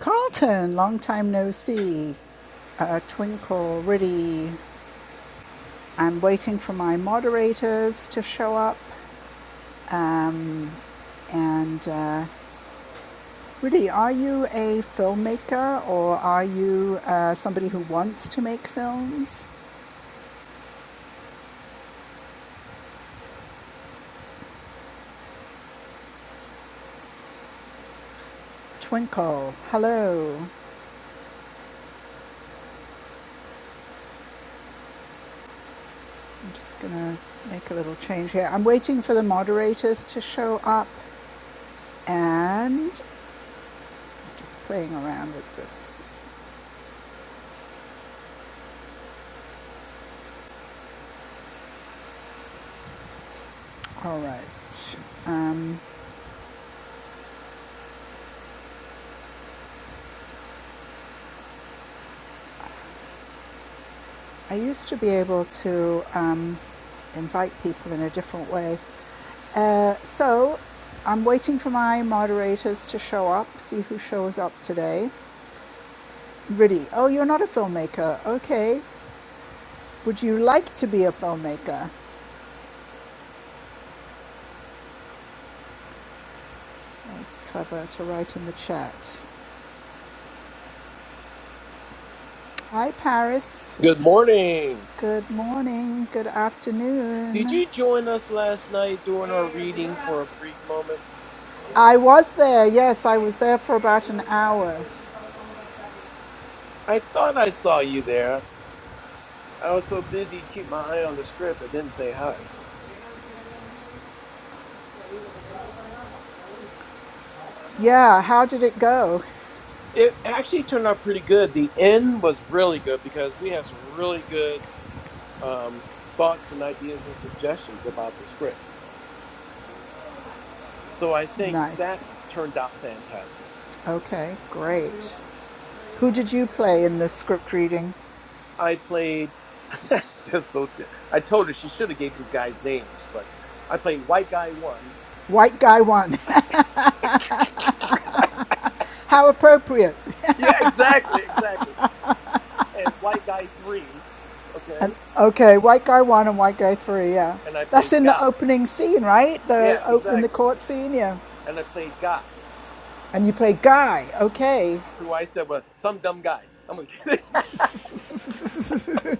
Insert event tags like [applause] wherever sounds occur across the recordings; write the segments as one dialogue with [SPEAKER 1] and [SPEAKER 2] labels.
[SPEAKER 1] Carlton, long time no see. Uh, Twinkle, Riddy. I'm waiting for my moderators to show up. Um, and uh, Riddy, are you a filmmaker or are you uh, somebody who wants to make films? Twinkle, hello. I'm just gonna make a little change here. I'm waiting for the moderators to show up and just playing around with this. All right. I used to be able to um, invite people in a different way. Uh, so I'm waiting for my moderators to show up, see who shows up today. Riddy, oh, you're not a filmmaker. Okay. Would you like to be a filmmaker? That's clever to write in the chat. Hi, Paris.
[SPEAKER 2] Good morning.
[SPEAKER 1] Good morning. Good
[SPEAKER 2] Did
[SPEAKER 1] afternoon.
[SPEAKER 2] you join us last night during our reading for a brief moment?
[SPEAKER 1] I was there. Yes, I was there for about an hour.
[SPEAKER 2] I thought I saw you there. I was so busy keep my eye on the script I didn't say hi.
[SPEAKER 1] Yeah, how did it go?
[SPEAKER 2] It actually turned out pretty good. The end was really good because we had some really good um, thoughts and ideas and suggestions about the script. So I think
[SPEAKER 1] Nice.
[SPEAKER 2] that turned out fantastic.
[SPEAKER 1] Okay, great. Who did you play in the script reading?
[SPEAKER 2] I played [laughs] just so t- I told her she should have gave these guys names, but I played white guy one
[SPEAKER 1] White guy one. [laughs] How appropriate.
[SPEAKER 2] Yeah, exactly, exactly. And White Guy 3,
[SPEAKER 1] And,
[SPEAKER 2] okay?
[SPEAKER 1] okay, white guy one and white guy three. Yeah,
[SPEAKER 2] And I
[SPEAKER 1] that's
[SPEAKER 2] played
[SPEAKER 1] in the
[SPEAKER 2] Guy.
[SPEAKER 1] opening scene, right?
[SPEAKER 2] Yeah,
[SPEAKER 1] The in the
[SPEAKER 2] exactly.
[SPEAKER 1] court scene. Yeah,
[SPEAKER 2] And I played Guy.
[SPEAKER 1] and you play guy. Okay.
[SPEAKER 2] So I said, well, some dumb guy. I'm gonna get it.
[SPEAKER 1] [laughs]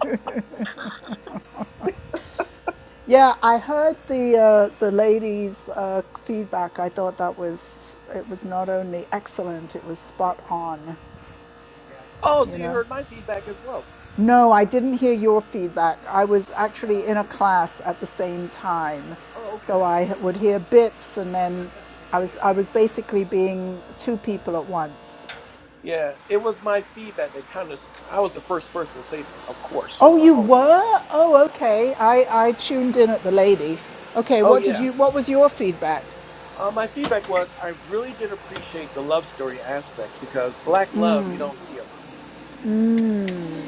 [SPEAKER 1] Yeah, I heard the uh, the ladies' uh, feedback. I thought that was it was not only excellent, it was spot on.
[SPEAKER 2] [laughs] oh, so
[SPEAKER 1] You
[SPEAKER 2] you
[SPEAKER 1] know.
[SPEAKER 2] heard my feedback as well.
[SPEAKER 1] No, I didn't hear your feedback. I was actually in a class at the same time.
[SPEAKER 2] Oh,
[SPEAKER 1] So
[SPEAKER 2] okay.
[SPEAKER 1] I would hear bits and then I was I was basically being two people at once.
[SPEAKER 2] Yeah, it was my feedback that kind of, I was the first person to say something, of course, you
[SPEAKER 1] Oh,
[SPEAKER 2] know. I'm
[SPEAKER 1] you
[SPEAKER 2] always,
[SPEAKER 1] were? Oh, okay. I I tuned in at the lady. Okay,
[SPEAKER 2] oh,
[SPEAKER 1] what did
[SPEAKER 2] yeah.
[SPEAKER 1] you what was your feedback?
[SPEAKER 2] Uh, my feedback was I really did appreciate the love story aspect because black love you don't see a lot.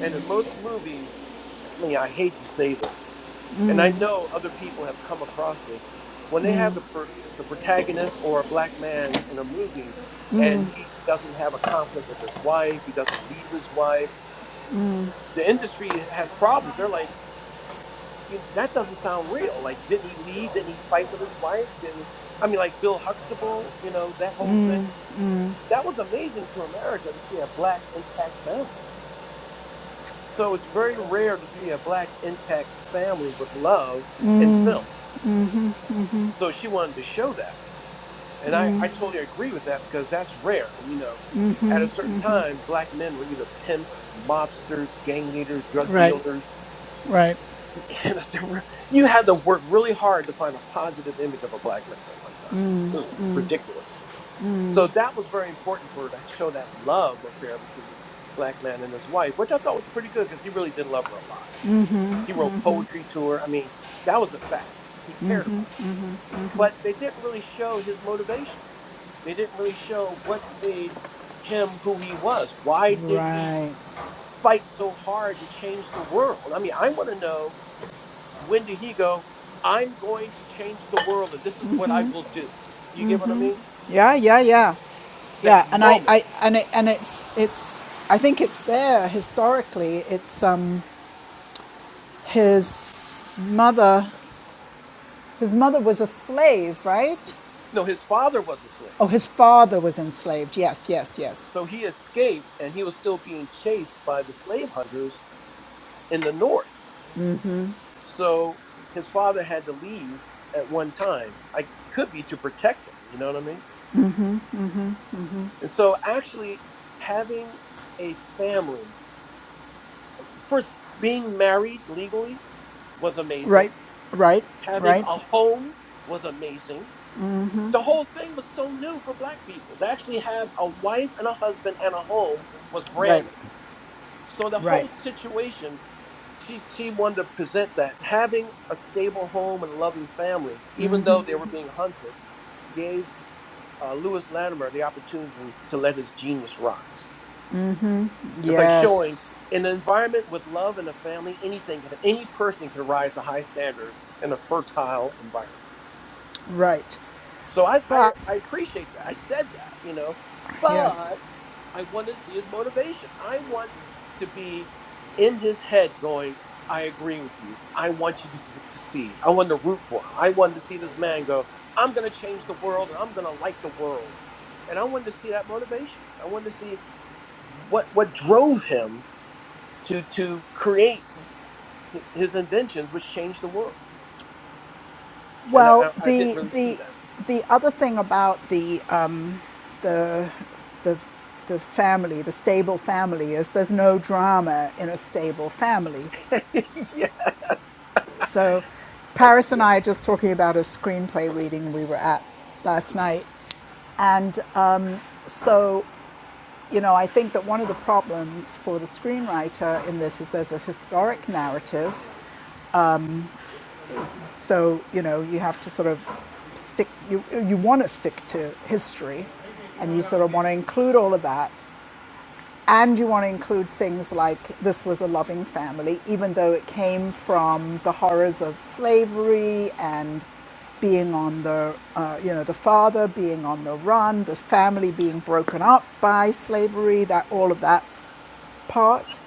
[SPEAKER 2] And in most movies, I mean, I hate to say this, and I know other people have come across this when they have the per, the protagonist or a black man in a movie and he doesn't have a conflict with his wife, he doesn't leave his wife. The industry has problems. They're like, you know, that doesn't sound real. Like, didn't he leave? Didn't he fight with his wife? Didn't I mean, like Bill Huxtable, you know, that whole thing. That was amazing to America to see a black intact family. So it's very rare to see a black intact family with love in film. So she wanted to show that. And I, I totally agree with that because that's rare. You know, at a certain time, black men were either pimps, mobsters, gang leaders, drug
[SPEAKER 1] Right,
[SPEAKER 2] dealers.
[SPEAKER 1] right.
[SPEAKER 2] [laughs] And at the- re- you had to work really hard to find a positive image of a black man at one time. It was ridiculous. So that was very important for her to show that love affair between this black man and his wife, which I thought was pretty good because he really did love her a lot. He wrote poetry to her. I mean, that was a fact. He cared about her. But they didn't really show his motivation they didn't really show what made him who he was. Why did he
[SPEAKER 1] Right.
[SPEAKER 2] fight so hard to change the world? I mean, I want to know when did he go, I'm going to change the world and this is what I will do. You get what I mean?
[SPEAKER 1] Yeah, yeah, yeah.
[SPEAKER 2] That
[SPEAKER 1] Yeah, and I,
[SPEAKER 2] moment.
[SPEAKER 1] I and it and it's it's I think it's there historically. It's um his mother His mother was a slave, right?
[SPEAKER 2] No, his father was a slave.
[SPEAKER 1] Oh, his father was enslaved. Yes, yes, yes.
[SPEAKER 2] So he escaped and he was still being chased by the slave hunters in the north. So his father had to leave at one time. I could be to protect him, you know what I mean? And so, actually, having a family, first, being married legally was
[SPEAKER 1] Right,
[SPEAKER 2] amazing.
[SPEAKER 1] right,
[SPEAKER 2] Having
[SPEAKER 1] right,
[SPEAKER 2] a home was amazing. The whole thing was so new for black people. To actually have a wife and a husband and a home was
[SPEAKER 1] right,
[SPEAKER 2] brand new. So, the
[SPEAKER 1] right.
[SPEAKER 2] whole situation, she, she wanted to present that having a stable home and a loving family, even though they were being hunted, gave uh, Lewis Latimer the opportunity to let his genius rise. It's like showing
[SPEAKER 1] Yes,
[SPEAKER 2] in an environment with love and a family, anything, can- any person can rise to high standards in a fertile environment.
[SPEAKER 1] right.
[SPEAKER 2] So I, I,
[SPEAKER 1] But
[SPEAKER 2] I appreciate that. I said that, you know,
[SPEAKER 1] yes.
[SPEAKER 2] but I wanted to see his motivation. I want to be in his head going, I agree with you. I want you to su- succeed. I wanted to root for him. I wanted to see this man go, I'm going to change the world and I'm going to like the world. And I wanted to see that motivation. I wanted to see what, what drove him to to create his inventions, which changed the world. And I,
[SPEAKER 1] Well,
[SPEAKER 2] I didn't
[SPEAKER 1] the
[SPEAKER 2] really see
[SPEAKER 1] the
[SPEAKER 2] that.
[SPEAKER 1] the other thing about the um, the the the family, the stable family, is there's no drama in a stable family.
[SPEAKER 2] [laughs] yes,
[SPEAKER 1] So, Paris and I are
[SPEAKER 2] yes,
[SPEAKER 1] just talking about a screenplay reading we were at last night, and So, you know, I think that one of the problems for the screenwriter in this is there's a historic narrative. So, you know, you have to sort of stick, you, you want to stick to history and you sort of want to include all of that. And you want to include things like this was a loving family, even though it came from the horrors of slavery and being on the, uh, you know, the father being on the run, the family being broken up by slavery, that all of that part.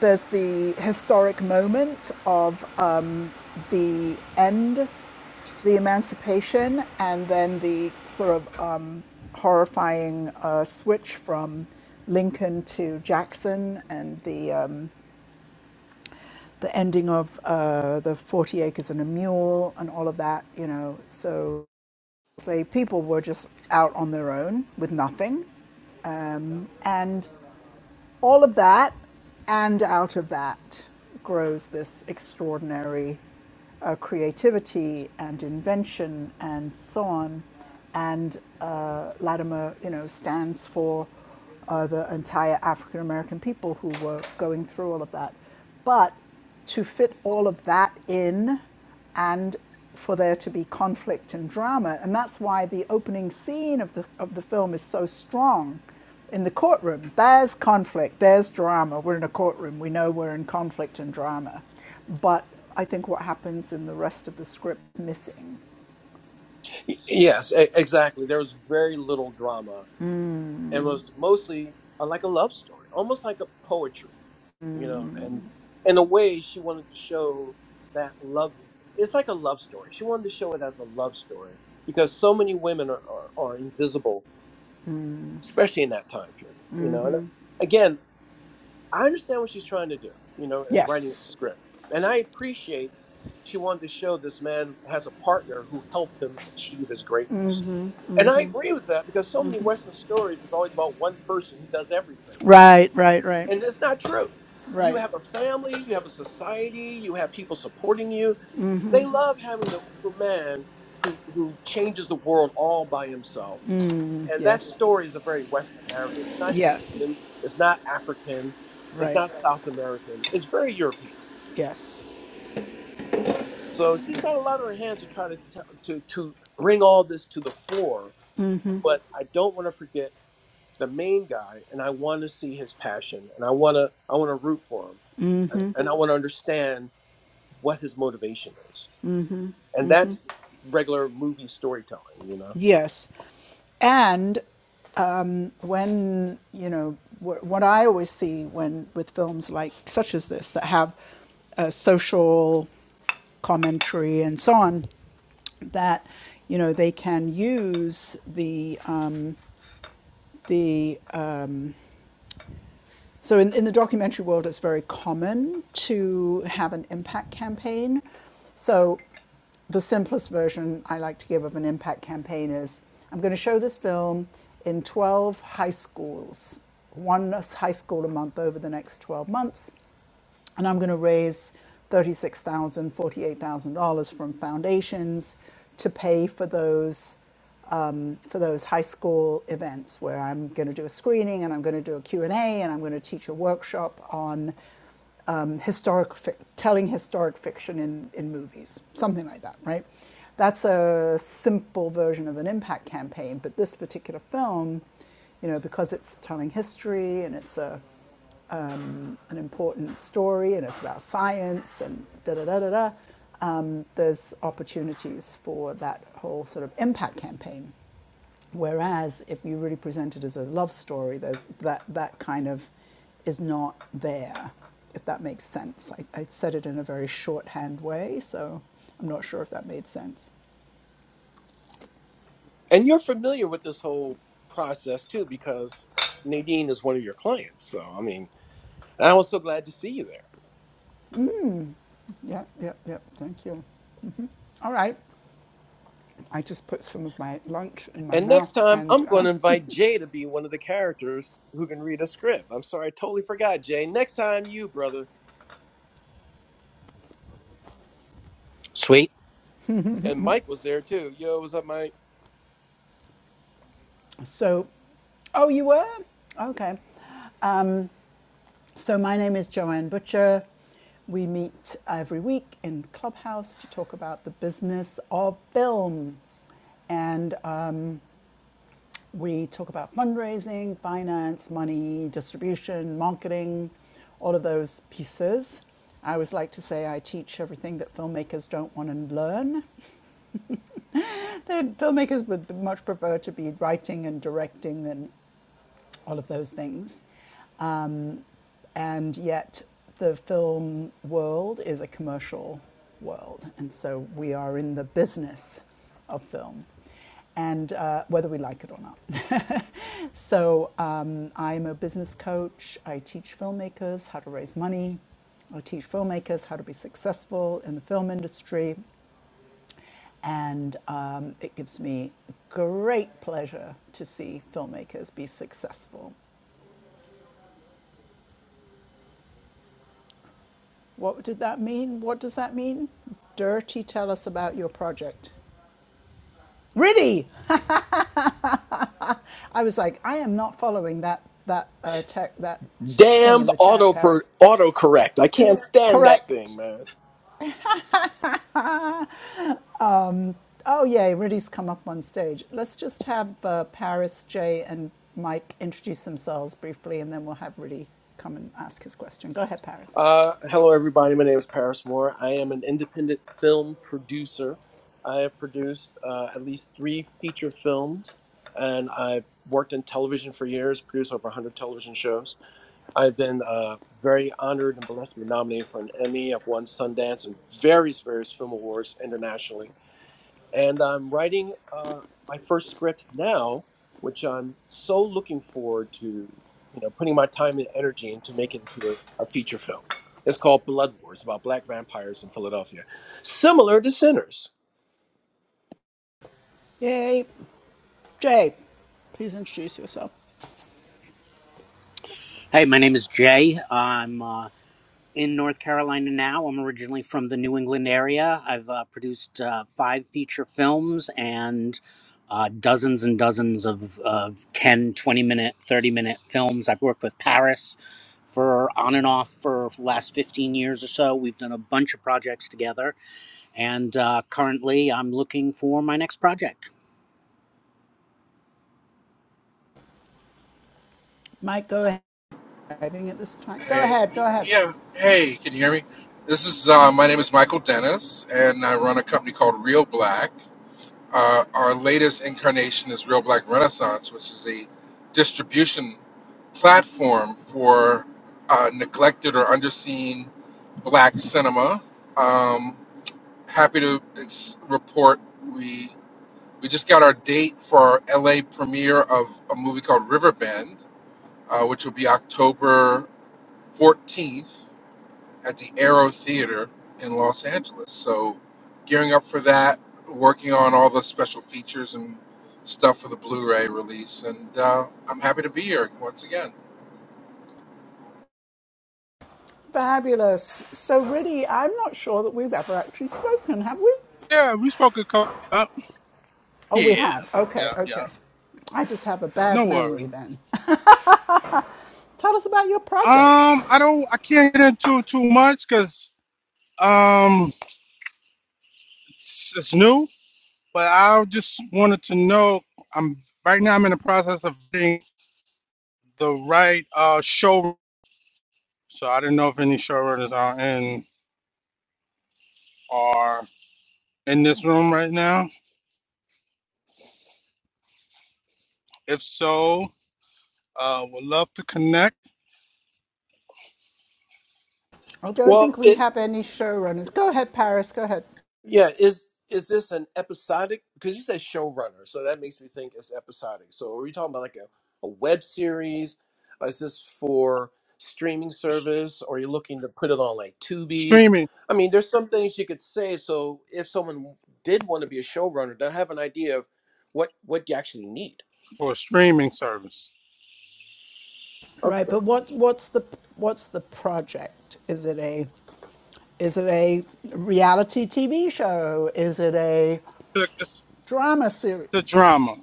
[SPEAKER 1] There's the historic moment of uh, the end, the emancipation, and then the sort of um, horrifying uh, switch from Lincoln to Jackson, and the um, the ending of uh, the Forty Acres and a Mule, and all of that. You know, so slave people were just out on their own with nothing, and all of that, and out of that grows this extraordinary uh, creativity and invention and so on. And uh, Latimer, you know, stands for uh, the entire African American people who were going through all of that. But to fit all of that in and for there to be conflict and drama, and that's why the opening scene of the, of the film is so strong in the courtroom. There's conflict, there's drama. We're in a courtroom, we know we're in conflict and drama. But I think what happens in the rest of the script is missing.
[SPEAKER 2] yes, e- exactly. There was very little drama, and was mostly uh, like a love story, almost like a poetry, you know. And in a way, she wanted to show that love. It's like a love story. She wanted to show it as a love story because so many women are, are, are invisible, especially in that time period, you know. And uh, again, I understand what she's trying to do, you know, as writing the
[SPEAKER 1] Yes.
[SPEAKER 2] script. And I appreciate she wanted to show this man has a partner who helped him achieve his greatness. And I agree with that because so many Western stories is always about one person who does everything.
[SPEAKER 1] Right, right, right,
[SPEAKER 2] And that's not true. You
[SPEAKER 1] right.
[SPEAKER 2] have a family, you have a society, you have people supporting you. They love having the Uber man who, who changes the world all by himself and that
[SPEAKER 1] Yes.
[SPEAKER 2] story is a very Western narrative. It's not
[SPEAKER 1] Yes.
[SPEAKER 2] Asian. It's not African. It's
[SPEAKER 1] Right.
[SPEAKER 2] not South American. It's very European.
[SPEAKER 1] Yes.
[SPEAKER 2] So she's got a lot on her hands to try to t- to to bring all this to the fore. But I don't want to forget the main guy, and I want to see his passion, and I want to I want to root for him, and and I want to understand what his motivation is. And that's regular movie storytelling, you know.
[SPEAKER 1] Yes. And when you know what, what I always see when with films like such as this that have uh, social commentary and so on, that you know they can use the um, the uh, so in, in the documentary world, it's very common to have an impact campaign. So the simplest version I like to give of an impact campaign is I'm going to show this film in 12 high schools, one high school a month over the next 12 months and I'm going to raise $36,000, $48,000 from foundations to pay for those um, for those high school events where I'm going to do a screening and I'm going to do a Q and A, and I'm going to teach a workshop on um, historic fic- telling historic fiction in, in movies, something like that, right? That's a simple version of an impact campaign, but this particular film, you know, because it's telling history and it's a an important story and it's about science and da da da da da, um, there's opportunities for that whole sort of impact campaign. Whereas if you really present it as a love story, there's that, that kind of is not there, if that makes sense. I, I said it in a very shorthand way, so I'm not sure if that made sense.
[SPEAKER 2] And you're familiar with this whole process too, because Nadine is one of your clients. So, I mean, and I was so glad to see you there.
[SPEAKER 1] Yeah, yeah, yeah, thank you. All right,
[SPEAKER 2] And next time, I'm going to invite Jay to be one of the characters who can read a script. I'm sorry, I totally forgot, Jay. Next time, you, brother.
[SPEAKER 3] Sweet.
[SPEAKER 2] And Mike was there too. Yo, what's up, Mike?
[SPEAKER 1] so, oh, you were? Okay. So, my name is Joanne Butcher. We meet every week in Clubhouse to talk about the business of film. And uh, we talk about fundraising, finance, money, distribution, marketing, all of those pieces. I always like to say I teach everything that filmmakers don't want to learn. [laughs] The filmmakers would much prefer to be writing and directing and all of those things. and yet the film world is a commercial world, and so we are in the business of film, and uh, whether we like it or not. [laughs] so um, I'm a business coach. I teach filmmakers how to raise money. I teach filmmakers how to be successful in the film industry, and um, it gives me great pleasure to see filmmakers be successful What did that mean? What does that mean? Dirty, tell us about your project. Really? I was like, I am not following that that uh, tech that thing in
[SPEAKER 2] Damned
[SPEAKER 1] the chat,
[SPEAKER 2] auto per,
[SPEAKER 1] Paris.
[SPEAKER 2] autocorrect. I can't stand that
[SPEAKER 1] Correct.
[SPEAKER 2] thing, man.
[SPEAKER 1] Oh yay, Riddy's come up on stage. Let's just have uh, Paris, Jay, and Mike introduce themselves briefly, and then we'll have Riddy come and ask his question. Go ahead, Paris.
[SPEAKER 2] Uh, hello, everybody. My name is Paris Moore. I am an independent film producer. I have produced uh, at least three feature films, and I've worked in television for years, produced over 100 television shows. I've been uh, very honored and blessed to be nominated for an Emmy. I've won Sundance and various, various film awards internationally and I'm writing uh, my first script now, which I'm so looking forward to, you know, putting my time and energy into making into a, a feature film. It's called Blood Wars, about black vampires in Philadelphia, similar to Sinners.
[SPEAKER 1] Yay, Jay. Please introduce yourself.
[SPEAKER 3] Hey, my name is Jay. I'm uh, in North Carolina now. I'm originally from the New England area. I've uh, produced uh, five feature films and uh, dozens and dozens of, of 10, twenty minute, 30 minute films. I've worked with Paris for on and off for the last 15 years or so. We've done a bunch of projects together. And uh, currently, I'm looking for my next project.
[SPEAKER 1] Mike, go ahead. Driving at this time. Go
[SPEAKER 4] Hey,
[SPEAKER 1] ahead. Go ahead.
[SPEAKER 4] yeah. Hey, can you hear me? This is uh, my name is Michael Dennis, and I run a company called Real Black. Uh, our latest incarnation is Real Black Renaissance, which is a distribution platform for uh, neglected or underseen Black cinema. Um, happy to ex- report we we just got our date for our LA premiere of a movie called Riverbend, uh, which will be October 14th at the Arrow Theater in Los Angeles. So, gearing up for that, working on all the special features and stuff for the Blu ray release. And uh, I'm happy to be here once again.
[SPEAKER 1] Fabulous. So, really, I'm not sure that we've ever actually spoken, have we?
[SPEAKER 5] Yeah, we spoke a couple. Up.
[SPEAKER 1] Oh,
[SPEAKER 5] Yeah,
[SPEAKER 1] we have. Okay,
[SPEAKER 5] yeah, yeah.
[SPEAKER 1] okay. I just have a bad
[SPEAKER 5] No worry.
[SPEAKER 1] memory then. [laughs] Tell us about your project.
[SPEAKER 5] Um, I don't. I can't get into too much because um, it's, it's new. But I just wanted to know. I'm right now. I'm in the process of being the right uh show. So I didn't know if any showrunners are in are in this room right now. If so, uh, would love to connect.
[SPEAKER 1] I don't
[SPEAKER 2] Well,
[SPEAKER 1] think we
[SPEAKER 2] it,
[SPEAKER 1] have any showrunners. Go ahead, Paris. Go ahead.
[SPEAKER 2] Yeah, is is this an episodic? Because you said showrunner, so that makes me think it's episodic. So are we talking about like a, a web series? Or Is this for streaming service, or are you looking to put it on like Tubi?
[SPEAKER 5] Streaming
[SPEAKER 2] I mean, there's some things you could say. So if someone did want to be a showrunner, they'll have an idea of what what you actually need.
[SPEAKER 5] for a streaming service.
[SPEAKER 1] Right,
[SPEAKER 2] Okay.
[SPEAKER 1] but what what's the what's the project? Is it a is it a reality TV show? Is it a
[SPEAKER 5] It's a, it's
[SPEAKER 1] drama series?
[SPEAKER 5] a drama.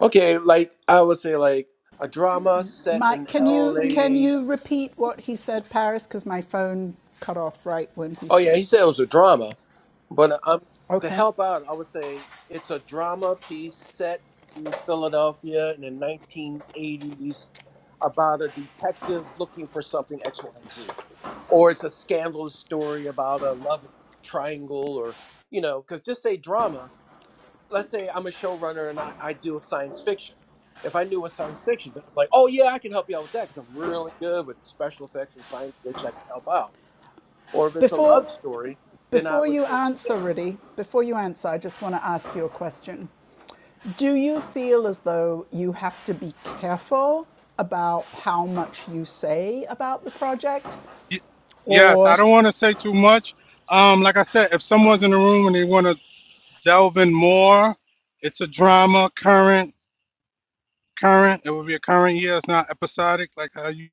[SPEAKER 2] Okay, like I would say, like a drama set
[SPEAKER 1] Mike,
[SPEAKER 2] in
[SPEAKER 1] can you can
[SPEAKER 2] LA.
[SPEAKER 1] you repeat what he said, Paris? Because my phone cut off right when he
[SPEAKER 2] Oh yeah,
[SPEAKER 1] spoke.
[SPEAKER 2] he said it was a drama. But um, to
[SPEAKER 1] Okay.
[SPEAKER 2] help out, I would say it's a drama piece set in Philadelphia in the 1980s about a detective looking for something X, Y, and Z. Or it's a scandalous story about a love triangle, or, you know, because just say drama. Let's say I'm a showrunner and I, I do science fiction. If I knew a science fiction, then I'm like, oh, yeah, I can help you out with that because I'm really good with special effects and science fiction. I can help out. Or if it's a
[SPEAKER 1] Before,
[SPEAKER 2] love story, then I
[SPEAKER 1] before
[SPEAKER 2] would
[SPEAKER 1] you
[SPEAKER 2] say,
[SPEAKER 1] answer,
[SPEAKER 2] yeah.
[SPEAKER 1] Rudy, before you answer, I just want to ask you a question. Do you feel as though you have to be careful about how much you say about the project?
[SPEAKER 5] Y- Yes, I
[SPEAKER 1] Or,
[SPEAKER 5] don't want to say too much. Um, like I said, if someone's in the room and they want to delve in more, it's a drama, current, current. It would be a current year. It's not episodic, like how you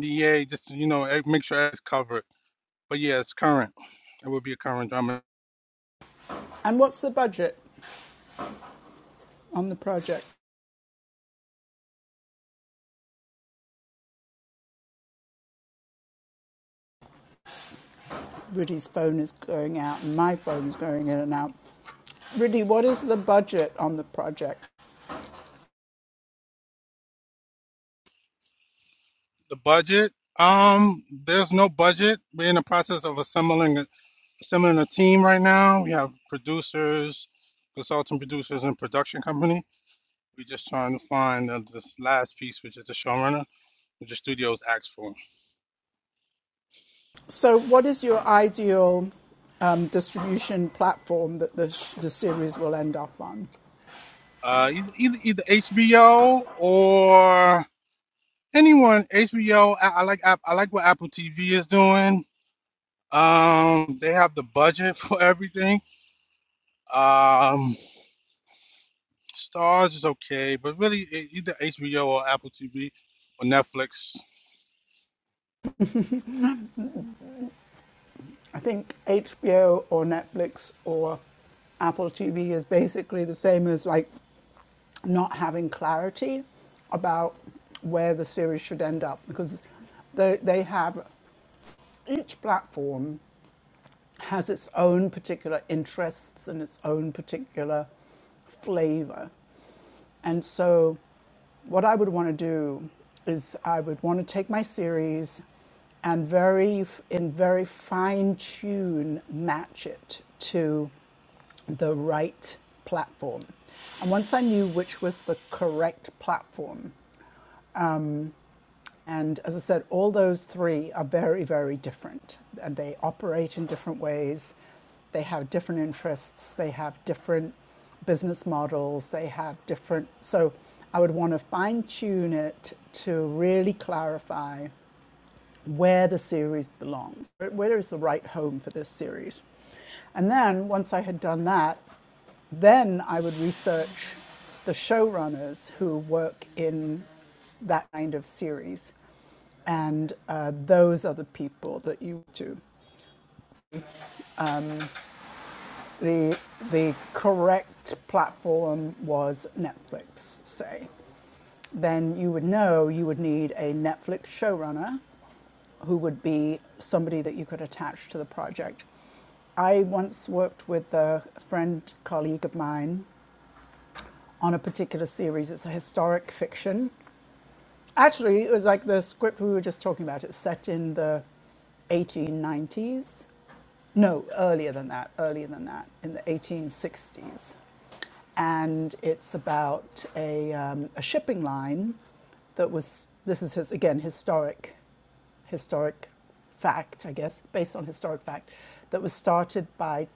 [SPEAKER 5] NDA. Just you know, eh, make sure it's covered. But yeah, it's current. It would be a current drama.
[SPEAKER 1] and what's the budget on the project? Rudy's phone is going out and my phone is going in and out. Rudy, what is the budget on the project?
[SPEAKER 5] The budget. Um, there's no budget. We're in the process of assembling a- assembling a team right now. We have producers, consultant producers, and production company. We're just trying to find uh, this last piece, which is the showrunner, which the studios asked for.
[SPEAKER 1] So, what is your ideal um, distribution platform that the, the series will end up on?
[SPEAKER 5] Uh, either, either either HBO or anyone. HBO. I, I like App- I like what Apple TV is doing. Um, they have the budget [laughs] for everything. Um, Stars is okay, but really e- either HBO or Apple TV or Netflix.
[SPEAKER 1] I think HBO or Netflix or Apple TV is basically the same as like not having clarity about where the series should end up because they, they have each platform has its own particular interests and its own particular flavor. And so, what I would want to do is I would want to take my series and very in very fine tune match it to the right platform. And once I knew which was the correct platform, and as I said, all those three are very, very different. And they operate in different ways. They have different interests. They have different business models. They have different. So I would want to fine tune it to really clarify where the series belongs, where is the right home for this series. And then once I had done that, then I would research the showrunners who work in that kind of series. And uh, those are the people that you do. The, the correct platform was Netflix, say. Then you would know you would need a Netflix showrunner who would be somebody that you could attach to the project. I once worked with a friend, colleague of mine, on a particular series. It's a historic fiction. Actually, it was like the script we were just talking about. It's set in the 1890s. No, earlier than that, earlier than that, in the 1860s. And it's about a, um, a shipping line that was, this is his, again, historic historic fact, I guess, based on historic fact, that was started by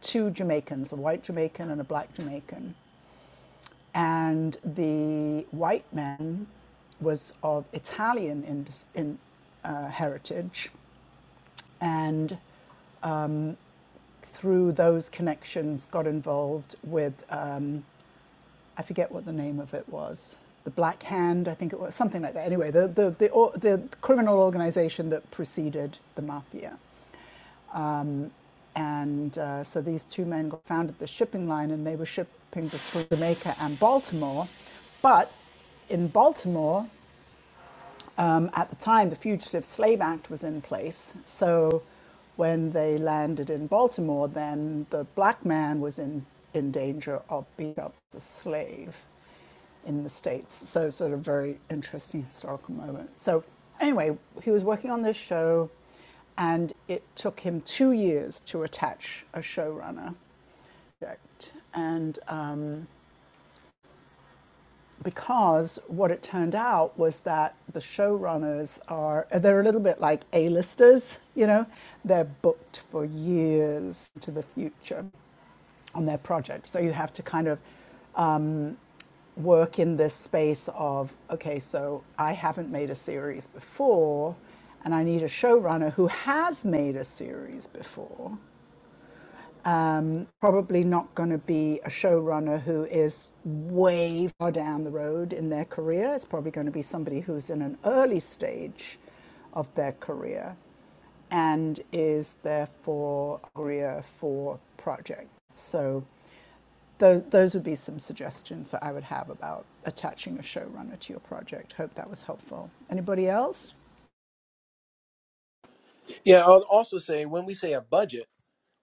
[SPEAKER 1] two Jamaicans, a white Jamaican and a black Jamaican. And the white man was of Italian in, in, uh, heritage and through those connections got involved with, um, I forget what the name of it was, the Black Hand, I think it was, something like that. Anyway, the, the, the, the criminal organization that preceded the mafia. And uh, so these two men founded the shipping line and they were shipping between Jamaica and Baltimore. But in Baltimore, um, at the time, the Fugitive Slave Act was in place. So when they landed in Baltimore, then the black man was in, in danger of being up as a slave in the States. So, sort of very interesting historical moment. So, anyway, he was working on this show, and it took him two years to attach a showrunner. project. And um, because what it turned out was that the showrunners are they're a little bit like A-listers, you know. They're booked for years to the future on their projects. So you have to kind of work in this space of okay, so I haven't made a series before and I need a showrunner who has made a series before probably not going to be a showrunner who is way far down the road in their career. It's probably going to be somebody who's in an early stage of their career and is therefore a career for project. So those, those would be some suggestions that I would have about attaching a showrunner to your project. Hope that was helpful. Anybody else?
[SPEAKER 2] Yeah, I'll also say when we say a budget,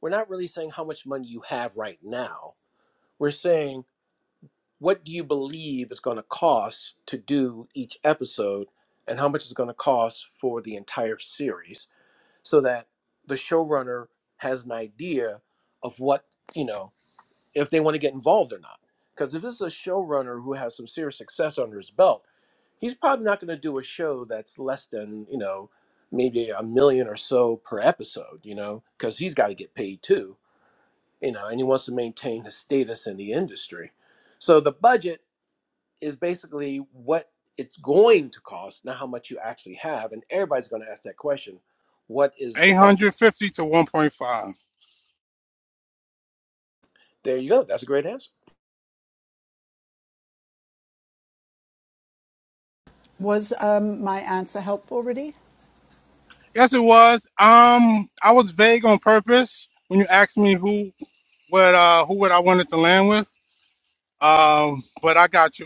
[SPEAKER 2] we're not really saying how much money you have right now. We're saying what do you believe it's going to cost to do each episode and how much it's going to cost for the entire series so that the showrunner has an idea of what, you know, if they want to get involved or not. Because if this is a showrunner who has some serious success under his belt, he's probably not going to do a show that's less than you know maybe a million or so per episode you know because he's got to get paid too you know and he wants to maintain his status in the industry so the budget is basically what it's going to cost not how much you actually have and everybody's going to ask that question what is the budget
[SPEAKER 5] 850 to 1.5.
[SPEAKER 2] there you go that's a great answer
[SPEAKER 1] Was um, my answer helpful, Rudy?
[SPEAKER 5] Yes, it was. Um, I was vague on purpose when you asked me who, what, uh, who would I wanted to land with. Um, but I got you.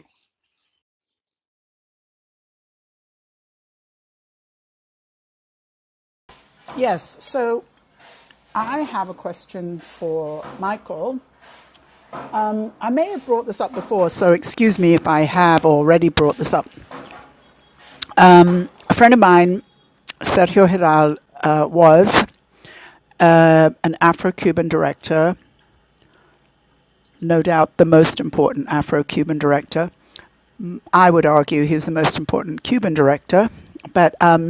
[SPEAKER 1] Yes. So I have a question for Michael I may have brought this up before, so excuse me if I have already brought this up. A friend of mine, Sergio Hiral, uh, was uh, an Afro Cuban director, no doubt the most important Afro Cuban director. I would argue he was the most important Cuban director, but um,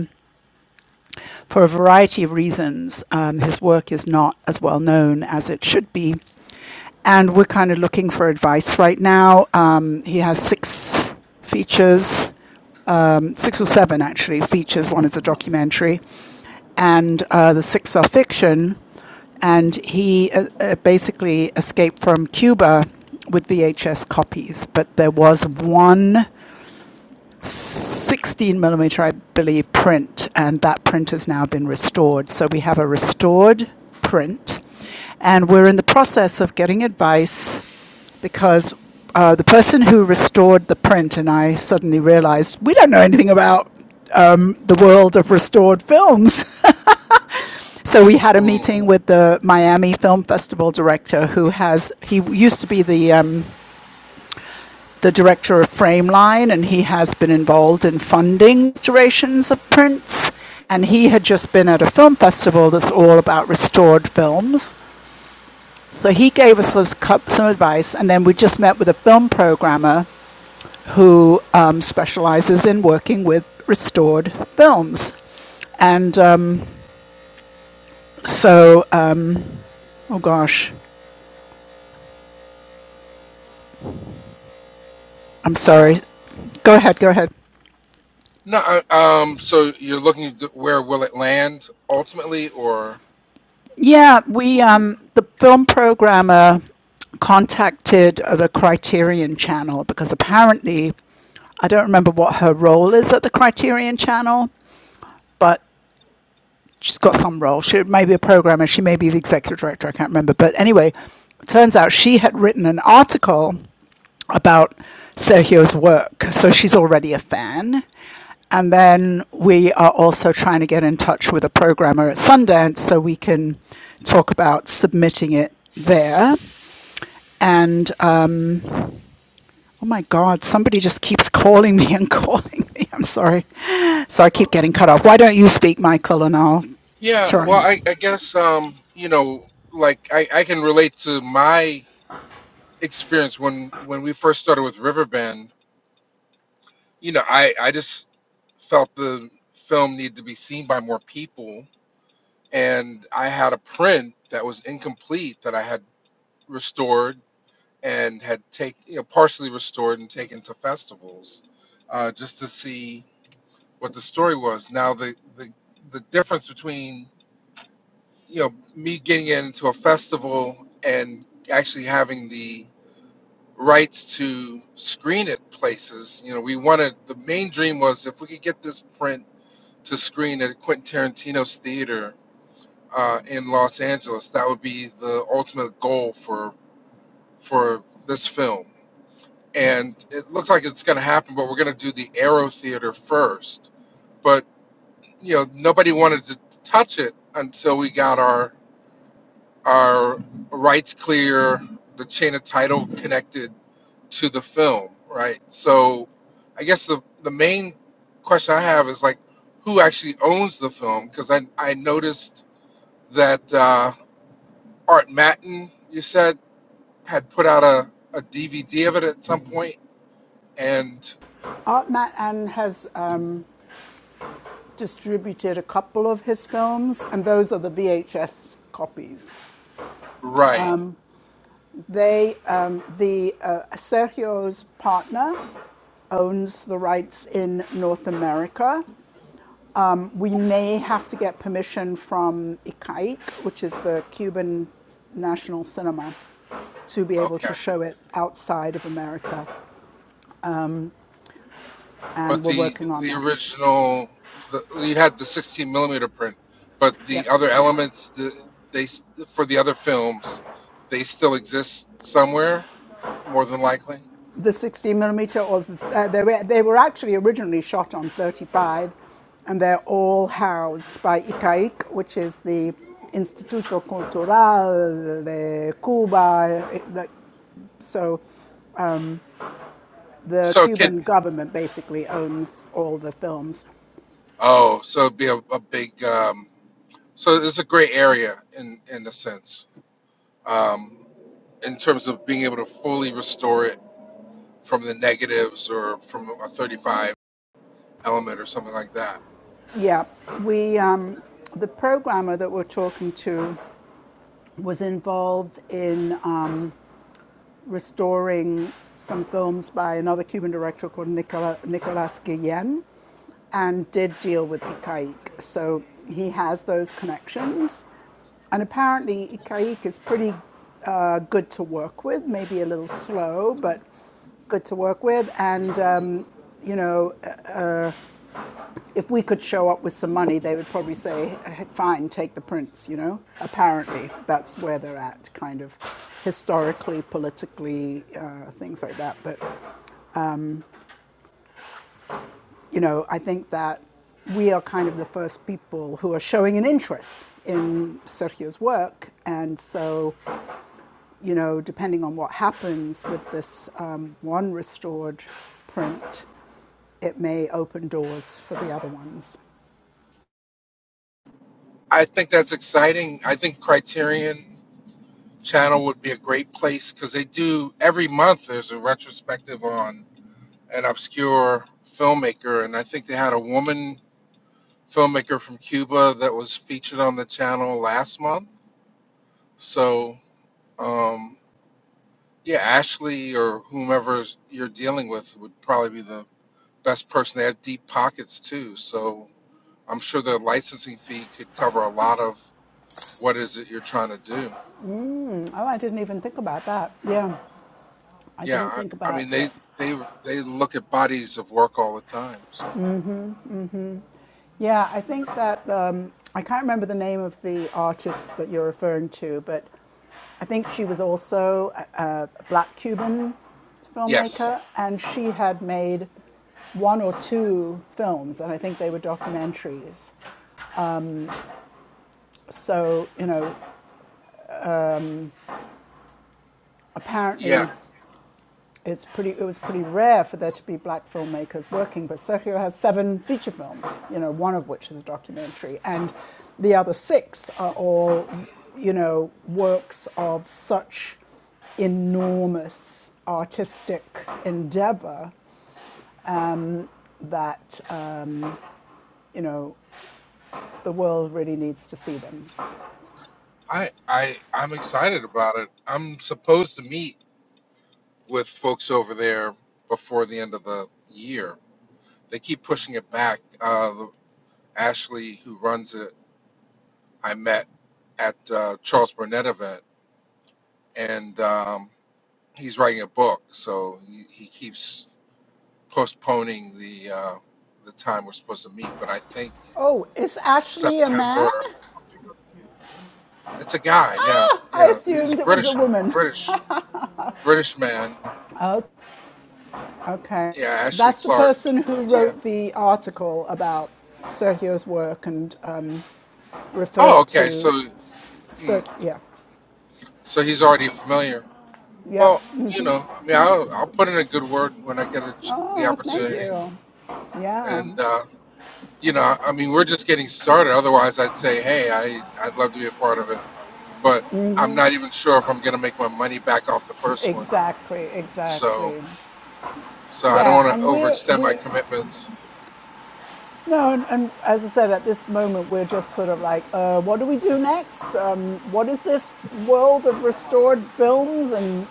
[SPEAKER 1] for a variety of reasons, um, his work is not as well known as it should be. And we're kind of looking for advice right now. Um, he has six features, um, six or seven actually features. One is a documentary, and uh, the six are fiction. And he uh, uh, basically escaped from Cuba with VHS copies, but there was one 16 millimeter, I believe, print, and that print has now been restored. So we have a restored print, and we're in the process of getting advice because uh, the person who restored the print, and I suddenly realized we don't know anything about the world of restored films. [laughs] So we had a
[SPEAKER 4] Mm,
[SPEAKER 1] meeting with the Miami Film Festival director, who has he used to be the um, the director of Frameline, and he has been involved in funding restorations of prints. And he had just been at a film festival that's all about restored films. So he gave us some advice, and then we just met with a film programmer who um, specializes in working with restored films. And um, so, uh, oh gosh, I'm
[SPEAKER 4] yeah.
[SPEAKER 1] sorry. Go ahead, go ahead.
[SPEAKER 4] No, I- um, so you're looking to where will it land ultimately, or
[SPEAKER 1] Yeah, we um, the film programmer contacted uh, the Criterion Channel because apparently I don't remember what her role is at the Criterion Channel, but she's got some role. She may be a programmer, she may be the executive director, I can't remember. But anyway, it turns out she had written an article about Sergio's work, so she's already a fan. And then we are also trying to get in touch with a programmer at Sundance so we can talk about submitting it there. And uh, oh my God, somebody just keeps calling me and [laughs] calling me. I'm sorry. So I keep
[SPEAKER 4] um,
[SPEAKER 1] getting cut off. Why don't you speak, Michael, and I'll
[SPEAKER 4] yeah,
[SPEAKER 1] try
[SPEAKER 4] well, I, I guess, um, you know, like I, I can relate to my experience when when we first started with Riverbend, you know, I I just felt the film needed to be seen by more people, and I had a print that was incomplete that I had restored and had take you know partially restored and taken to festivals, uh, just to see what the story was. Now the the the difference between you know me getting into a festival and actually having the rights to screen it places. You know, we wanted the main dream was if we could get this print to screen at Quentin Tarantino's theater uh, in Los Angeles, that would be the ultimate goal for for this film. And it looks like it's going to happen, but we're going to do the Arrow Theater first. But you know, nobody wanted to touch it until we got our are rights clear, the chain of title connected to the film, right? So I guess the, the main question I have is like, who actually owns the film? Because I, I noticed that uh, Art Matin, you said, had put out a, a DVD of it at some point, and
[SPEAKER 1] Artmat Ann has um, distributed a couple of his films, and those are the VHS copies.
[SPEAKER 4] right,
[SPEAKER 1] They, um, the uh, Sergio's partner, owns the rights in North America. We may have to get permission from ICAIC, which is the Cuban national cinema, to be able
[SPEAKER 4] okay.
[SPEAKER 1] to show it outside of America,
[SPEAKER 4] but
[SPEAKER 1] and we're
[SPEAKER 4] the
[SPEAKER 1] working on
[SPEAKER 4] the
[SPEAKER 1] that.
[SPEAKER 4] original the, you had the 16 millimeter print but the
[SPEAKER 1] Yep.
[SPEAKER 4] other elements the, they s- for the other films they still exist somewhere more than likely
[SPEAKER 1] the 60 millimeter, or uh, they, were, they were actually originally shot on 35, and they're all housed by ICAIC, which is the Instituto Cultural de Cuba. eh, the- so the
[SPEAKER 4] so it could
[SPEAKER 1] Cuban government basically owns all the films.
[SPEAKER 4] oh so it'd be a, a big um, so it's a gray area in in a sense um, in terms of being able to fully restore it from the negatives or from a 35 element or something like that
[SPEAKER 1] Yeah, we, um, the programmer that we're talking to was involved in um, restoring some films by another Cuban director called Nicola, Nicolas Guillen and did deal with Ikaik. So he has those connections. And apparently, Ikaik is pretty uh, good to work with, maybe a little slow, but good to work with. And, um, you know, if we could show up with some money, they would probably say, "Eh, fine, take the prints, you know? Apparently, that's where they're at, kind of historically, politically, uh, things like that. But, you know, I think that we are kind of the first people who are showing an interest in Sergio's work. And so, you know, depending on what happens with this um, one restored print, it may open doors for the other ones.
[SPEAKER 4] i think that's exciting i think criterion channel would be a great place because they do every month there's a retrospective on an obscure filmmaker and i think they had a woman filmmaker from cuba that was featured on the channel last month so um, yeah ashley or whomever you're dealing with would probably be the best person they have deep pockets too so i'm sure the licensing fee could cover a lot of what is it you're trying to do
[SPEAKER 1] Oh, I didn't even think about that. Yeah. I
[SPEAKER 4] Yeah,
[SPEAKER 1] didn't
[SPEAKER 4] I,
[SPEAKER 1] think
[SPEAKER 4] I
[SPEAKER 1] about
[SPEAKER 4] mean they
[SPEAKER 1] that.
[SPEAKER 4] they they look at bodies of work all the time. So
[SPEAKER 1] Yeah, I think that um, I can't remember the name of the artist that you're referring to, but I think she was also a, a black Cuban
[SPEAKER 4] yes,
[SPEAKER 1] filmmaker, and she had made one or two films, and I think they were documentaries. So you know,
[SPEAKER 4] yeah,
[SPEAKER 1] apparently it's pretty, it was pretty rare for there to be black filmmakers working, but Sergio has seven feature films, you know, one of which is a documentary, and the other six are all, you know, works of such enormous artistic endeavor that, um, you know, the world really needs to see them.
[SPEAKER 4] I I I'm excited about it. I'm supposed to meet with folks over there before the end of the year. They keep pushing it back. Uh, the, Ashley, who runs it, I met at uh, Charles Burnett event, and um, he's writing a book, so he, he keeps postponing the uh, the time we're supposed to meet. But I think.
[SPEAKER 1] Oh, is Ashley a man?
[SPEAKER 4] September. It's a guy, yeah,
[SPEAKER 1] I
[SPEAKER 4] yeah. He's a
[SPEAKER 1] assumed it was a
[SPEAKER 4] British,
[SPEAKER 1] woman.
[SPEAKER 4] British, British man.
[SPEAKER 1] Oh, Okay.
[SPEAKER 4] Yeah, Ashley
[SPEAKER 1] That's the
[SPEAKER 4] Clark.
[SPEAKER 1] person who
[SPEAKER 4] Yeah.
[SPEAKER 1] wrote the article about Sergio's work and um,
[SPEAKER 4] Oh,
[SPEAKER 1] referred
[SPEAKER 4] okay.
[SPEAKER 1] to.
[SPEAKER 4] So,
[SPEAKER 1] So,
[SPEAKER 4] mm,
[SPEAKER 1] yeah.
[SPEAKER 4] so he's already familiar.
[SPEAKER 1] Yep.
[SPEAKER 4] Well, you know, I mean, I'll, I'll put in a good word when I get a, ch- the
[SPEAKER 1] Oh, thank
[SPEAKER 4] opportunity,
[SPEAKER 1] you. Yeah.
[SPEAKER 4] and uh, you know, I mean, we're just getting started. Otherwise, I'd say, hey, I, I'd love to be a part of it, but I'm not even sure if I'm going to make my money back off the first one.
[SPEAKER 1] Exactly.
[SPEAKER 4] So,
[SPEAKER 1] Exactly.
[SPEAKER 4] so I don't
[SPEAKER 1] Yeah.
[SPEAKER 4] want to
[SPEAKER 1] And we're,
[SPEAKER 4] overextend my
[SPEAKER 1] we're,
[SPEAKER 4] commitments.
[SPEAKER 1] no, and, and as I said, at this moment, we're just sort of like, uh, what do we do next? Um, what is this world of restored films and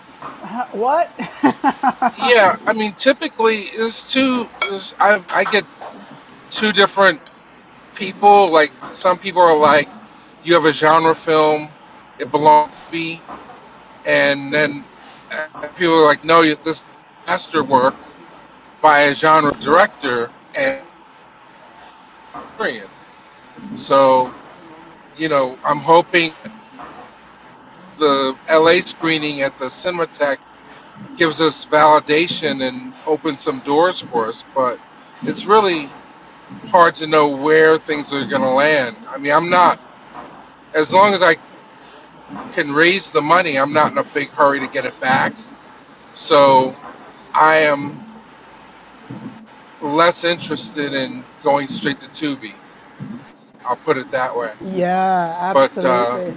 [SPEAKER 1] uh, what? [laughs]
[SPEAKER 4] Yeah, I mean, typically it's two. There's, I I get two different people. Like some people are like, you have a genre film, it belongs to me, and then uh, people are like, no, you- this is a masterwork by a genre director and period. So you know, I'm hoping the LA screening at the Cinematech gives us validation and opens some doors for us, but. It's really hard to know where things are going to land. I mean, I'm not, as long as I can raise the money, I'm not in a big hurry to get it back. So I am less interested in going straight to Tubi. I'll put it that way.
[SPEAKER 1] Yeah,
[SPEAKER 4] But, uh,
[SPEAKER 1] absolutely.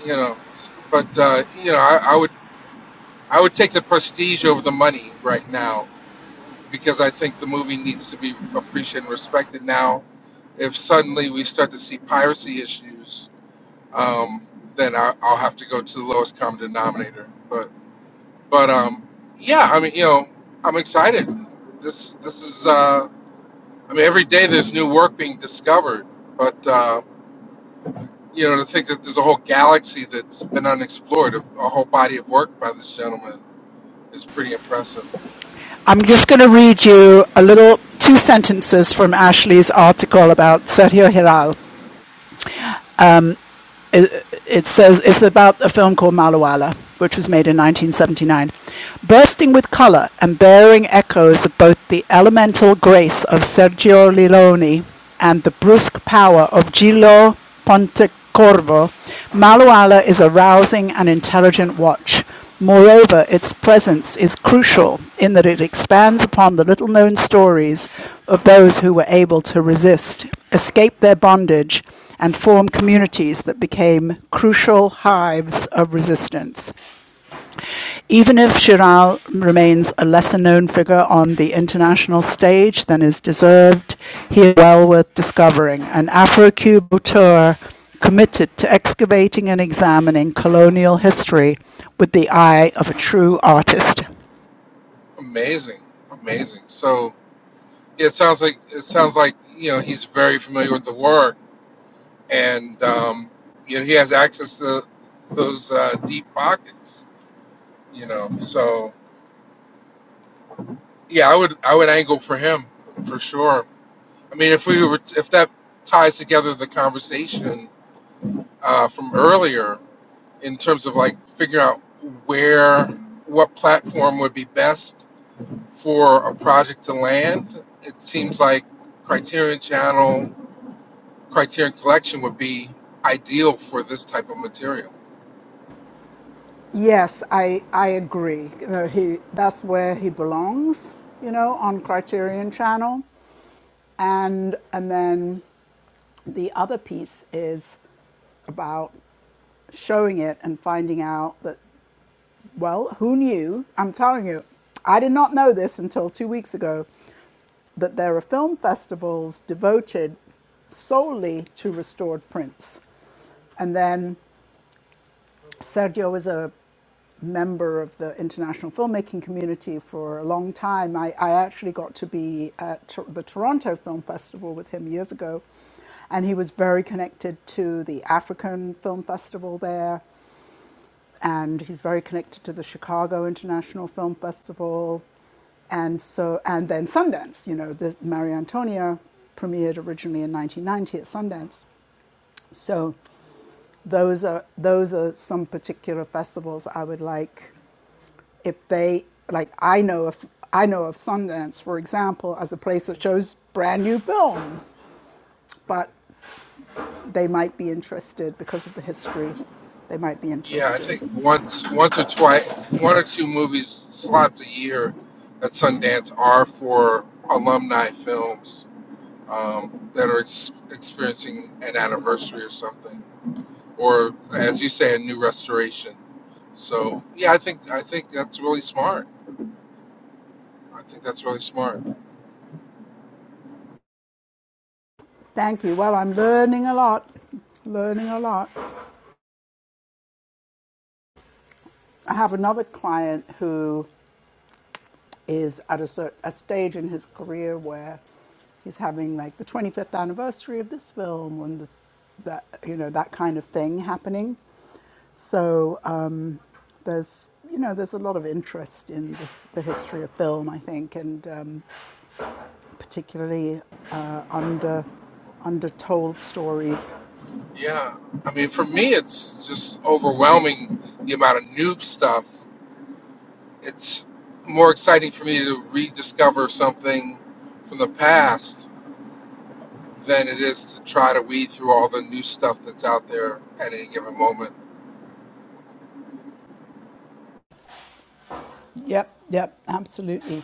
[SPEAKER 4] you know, s- but, uh, you know, I, I would, I would take the prestige over the money right now because I think the movie needs to be appreciated and respected now. If suddenly we start to see piracy issues, um, then I, I'll have to go to the lowest common denominator. But but um, yeah, I mean you know I'm excited. This this is uh, I mean every day there's new work being discovered. But uh, you know to think that there's a whole galaxy that's been unexplored, a, a whole body of work by this gentleman is pretty impressive.
[SPEAKER 1] I'm just going to read you a little two sentences from Ashley's article about Sergio Hiral. It, it says it's about a film called Malawala, which was made in 1979. Bursting with color and bearing echoes of both the elemental grace of Sergio Leone and the brusque power of Gillo Pontecorvo, Malawala is a rousing and intelligent watch Moreover, its presence is crucial in that it expands upon the little known stories of those who were able to resist, escape their bondage, and form communities that became crucial hives of resistance. Even if Chiral remains a lesser known figure on the international stage than is deserved, he is well worth discovering, an afro cuban auteur committed to excavating and examining colonial history with the eye of a true artist.
[SPEAKER 4] Amazing, amazing. So yeah, it sounds like it sounds like you know he's very familiar with the work and. Um, you know, he has access to those uh, deep pockets you know. So yeah, I would I would angle for him for sure. I mean, if we were if that ties together the conversation uh, from earlier in terms of like figuring out where what platform would be best for a project to land, it seems like Criterion Channel, Criterion Collection would be ideal for this type of material.
[SPEAKER 1] Yes, I, I agree. Uh, he, that's where he belongs, you know, on Criterion Channel. And, and then The other piece is about showing it and finding out that, well, who knew? I'm telling you, I did not know this until two weeks ago that there are film festivals devoted solely to restored prints. And then Sergio was a member of the international filmmaking community for a long time. I, I actually got to be at Tor- the Toronto Film Festival with him years ago, and he was very connected to the African Film Festival there, and he's very connected to the Chicago International Film Festival, and so and then Sundance. You know, the Maria Antonia premiered originally in 1990 at Sundance, so those are those are some particular festivals I would like if they like I know of I know of Sundance for example as a place that shows brand new films but they might be interested because of the history they might be
[SPEAKER 4] Yeah, I
[SPEAKER 1] interested
[SPEAKER 4] think once, once or twice, one or two movies slots a year at Sundance are for alumni films um, that are ex- experiencing an anniversary or something, or as you say, a new restoration. So yeah, I think I think that's really smart. I think that's really smart.
[SPEAKER 1] thank you well I'm learning a lot learning a lot I have another client who is at a, cer- a stage in his career where he's having like the 25th anniversary of this film and the, that you know that kind of thing happening. So uh, there's you know there's a lot of interest in the, the history of film, I think, and um, particularly uh, under undertold stories.
[SPEAKER 4] Yeah, I mean, for me, it's just overwhelming the amount of new stuff. It's more exciting for me to rediscover something from the past than it is to try to weed through all the new stuff that's out there at any given moment.
[SPEAKER 1] Yep, yep, absolutely.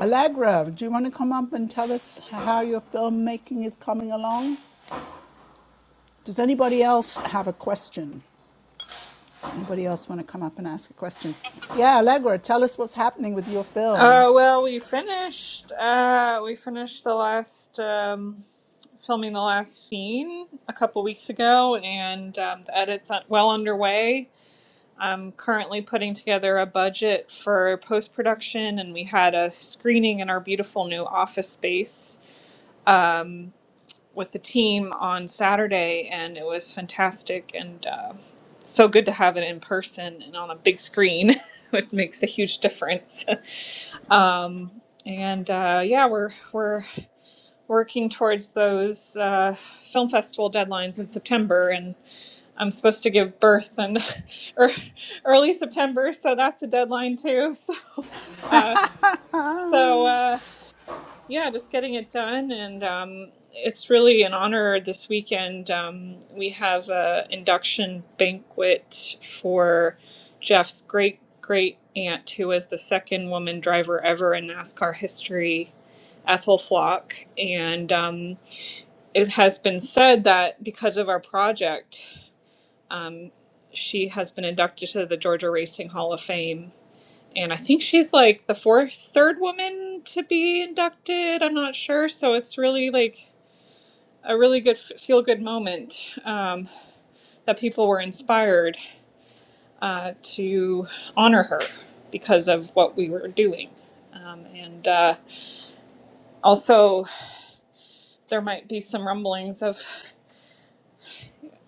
[SPEAKER 1] Allegra, do you want to come up and tell us how your filmmaking is coming along? Does anybody else have a question? Anybody else want to come up and ask a question? Yeah, Allegra, tell us what's happening with your film.
[SPEAKER 6] Uh, well, we finished. Uh, we finished the last um, filming the last scene a couple weeks ago, and um, the edits are well underway. I'm currently putting together a budget for post production, and we had a screening in our beautiful new office space. Um, with the team on Saturday, and it was fantastic and uh, so good to have it in person and on a big screen, [laughs] it makes a huge difference. [laughs] um, and uh, yeah, we're we're working towards those uh, film festival deadlines in September, and I'm supposed to give birth in [laughs] ear- early September, so that's a deadline too. [laughs] So, uh, so. Uh, yeah, just getting it done, and um, it's really an honor. This weekend, um, we have a induction banquet for Jeff's great great aunt, who was the second woman driver ever in NASCAR history, Ethel Flock. And um, it has been said that because of our project, um, she has been inducted to the Georgia Racing Hall of Fame and I think she's like the fourth, third woman to be inducted. I'm not sure, so it's really like a really good feel good moment um, that people were inspired uh, to honor her because of what we were doing. Um, and uh, also, there might be some rumblings of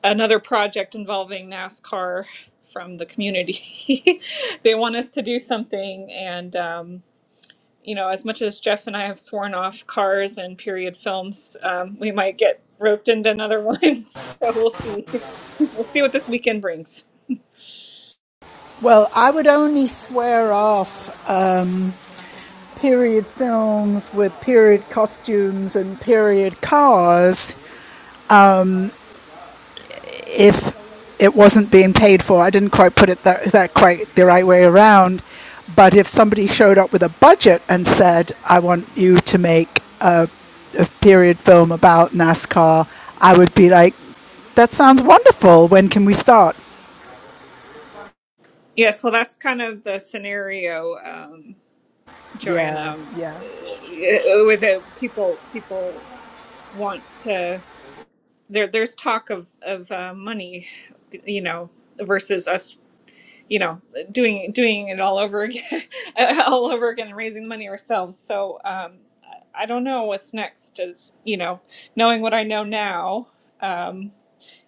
[SPEAKER 6] another project involving NASCAR from the community. [laughs] they want us to do something, and um, you know, as much as Jeff and I have sworn off cars and period films, um, we might get roped into another [laughs] one. so we'll see. We'll see what this weekend brings.
[SPEAKER 1] Well, I would only swear off um, period films with period costumes and period cars if it wasn't being paid for. I didn't quite put it that, that quite the right way around. But if somebody showed up with a budget and said, I want you to make a, a period film about NASCAR, I would be like, that sounds wonderful. When can we start?
[SPEAKER 6] Yes, well, that's kind of the scenario, um,
[SPEAKER 1] Yeah,
[SPEAKER 6] Joanna,
[SPEAKER 1] yeah.
[SPEAKER 6] with the people. People want to. There, there's talk of of uh, money, you know, versus us you know doing doing it all over again [laughs] all over again and raising money ourselves so um i I don't know what's next is you know knowing what i know now um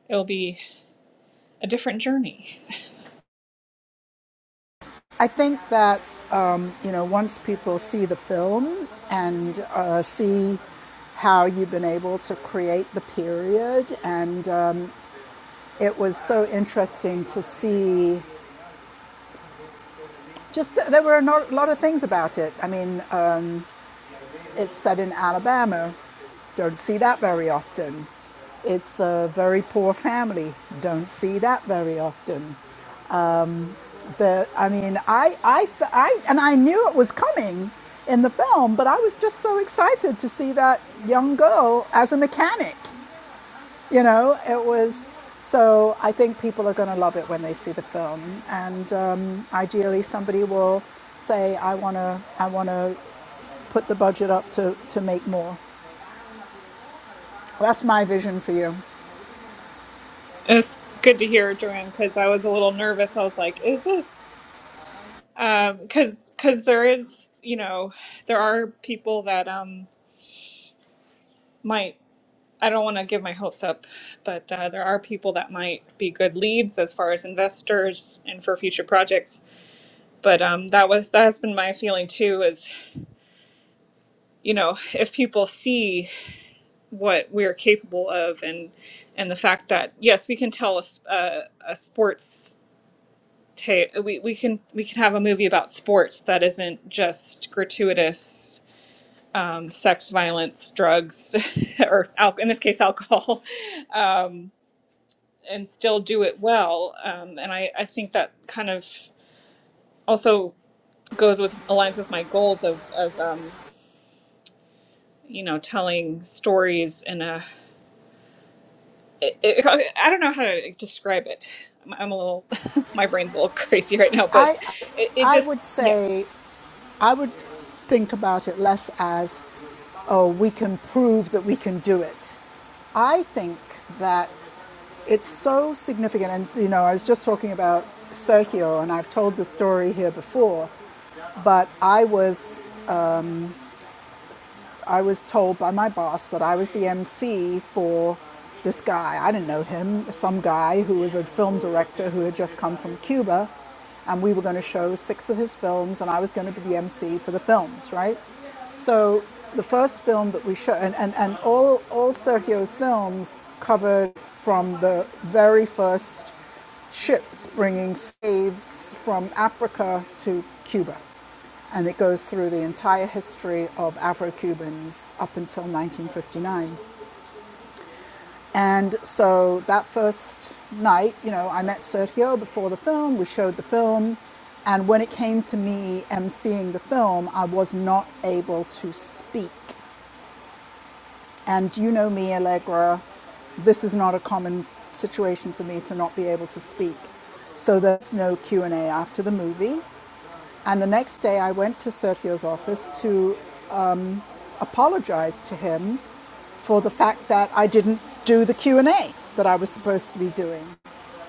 [SPEAKER 6] it'll be a different journey
[SPEAKER 1] I think that um, you know once people see the film and uh, see how you've been able to create the period, and um, it was so interesting to see. Just there were a no- lot of things about it. I mean, um, it's set in Alabama. Don't see that very often. It's a very poor family. Don't see that very often. the i mean I, I, I, and i knew it was coming in the film but i was just so excited to see that young girl as a mechanic you know it was so i think people are going to love it when they see the film and um, ideally somebody will say i want to i want to put the budget up to to make more that's my vision for you
[SPEAKER 6] it's good to hear joanne because i was a little nervous i was like is this um because because there is you know there are people that um might i don't want to give my hopes up but uh, there are people that might be good leads as far as investors and for future projects but um, that was that has been my feeling too is you know if people see what we're capable of and and the fact that yes we can tell a, s- a, a sports ta- we, we can we can have a movie about sports that isn't just gratuitous um, sex violence drugs [laughs] or al- in this case alcohol [laughs] um, and still do it well um, and I, I think that kind of also goes with aligns with my goals of of um, you know, telling stories in a, it, it, I don't know how to describe it. I'm, I'm a little, [laughs] my brain's a little crazy right now, but
[SPEAKER 1] i
[SPEAKER 6] it, it
[SPEAKER 1] i
[SPEAKER 6] just,
[SPEAKER 1] would
[SPEAKER 6] yeah.
[SPEAKER 1] say i would think about it less as oh, we can prove that we can do it. I think that it's so significant. And, you know, I was just talking about Sergio, and I've told the story here before, but I was I was told by my boss that I was the MC for this guy. I didn't know him, some guy who was a film director who had just come from Cuba, and we were going to show six of his films, and I was going to be the MC for the films, right? So the first film that we showed, and, and, and all, all Sergio's films covered from the very first ships bringing slaves from Africa to Cuba and it goes through the entire history of Afro Cubans up until 1959. And so that first night, you know, I met Sergio before the film, we showed the film, and when it came to me emceeing the film, I was not able to speak. And you know me, Allegra, this is not a common situation for me to not be able to speak. So there's no Q&A after the movie. And the next day I went to Sergio's office to apologized to him for the fact that I didn't do the Q&A that I was supposed to be doing.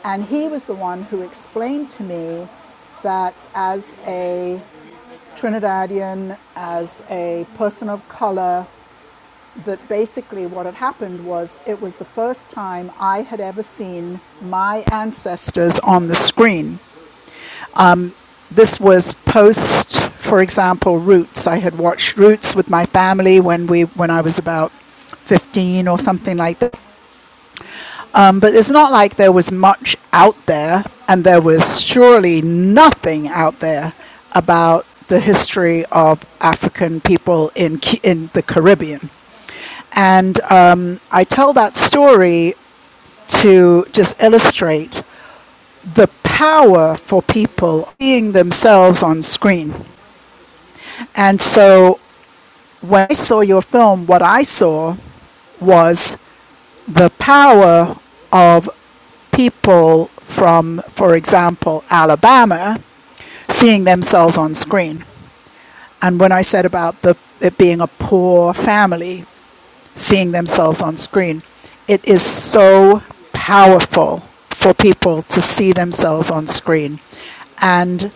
[SPEAKER 1] And he was the one who explained to me that as a Trinidadian, as a person of color, that basically what had happened was it was the first time I had ever seen my ancestors on the screen. this was post, for example, Roots. I had watched Roots with my family when we when I was about 15 or something like that. Um, but it's not like there was much out there, and there was surely nothing out there about the history of African people in in the Caribbean. And um, I tell that story to just illustrate the power for people seeing themselves on screen And so when I saw your film, what I saw was the power of people from, for example, Alabama seeing themselves on screen. And when I said about the, it being a poor family seeing themselves on screen, it is so powerful for people to see themselves on screen. And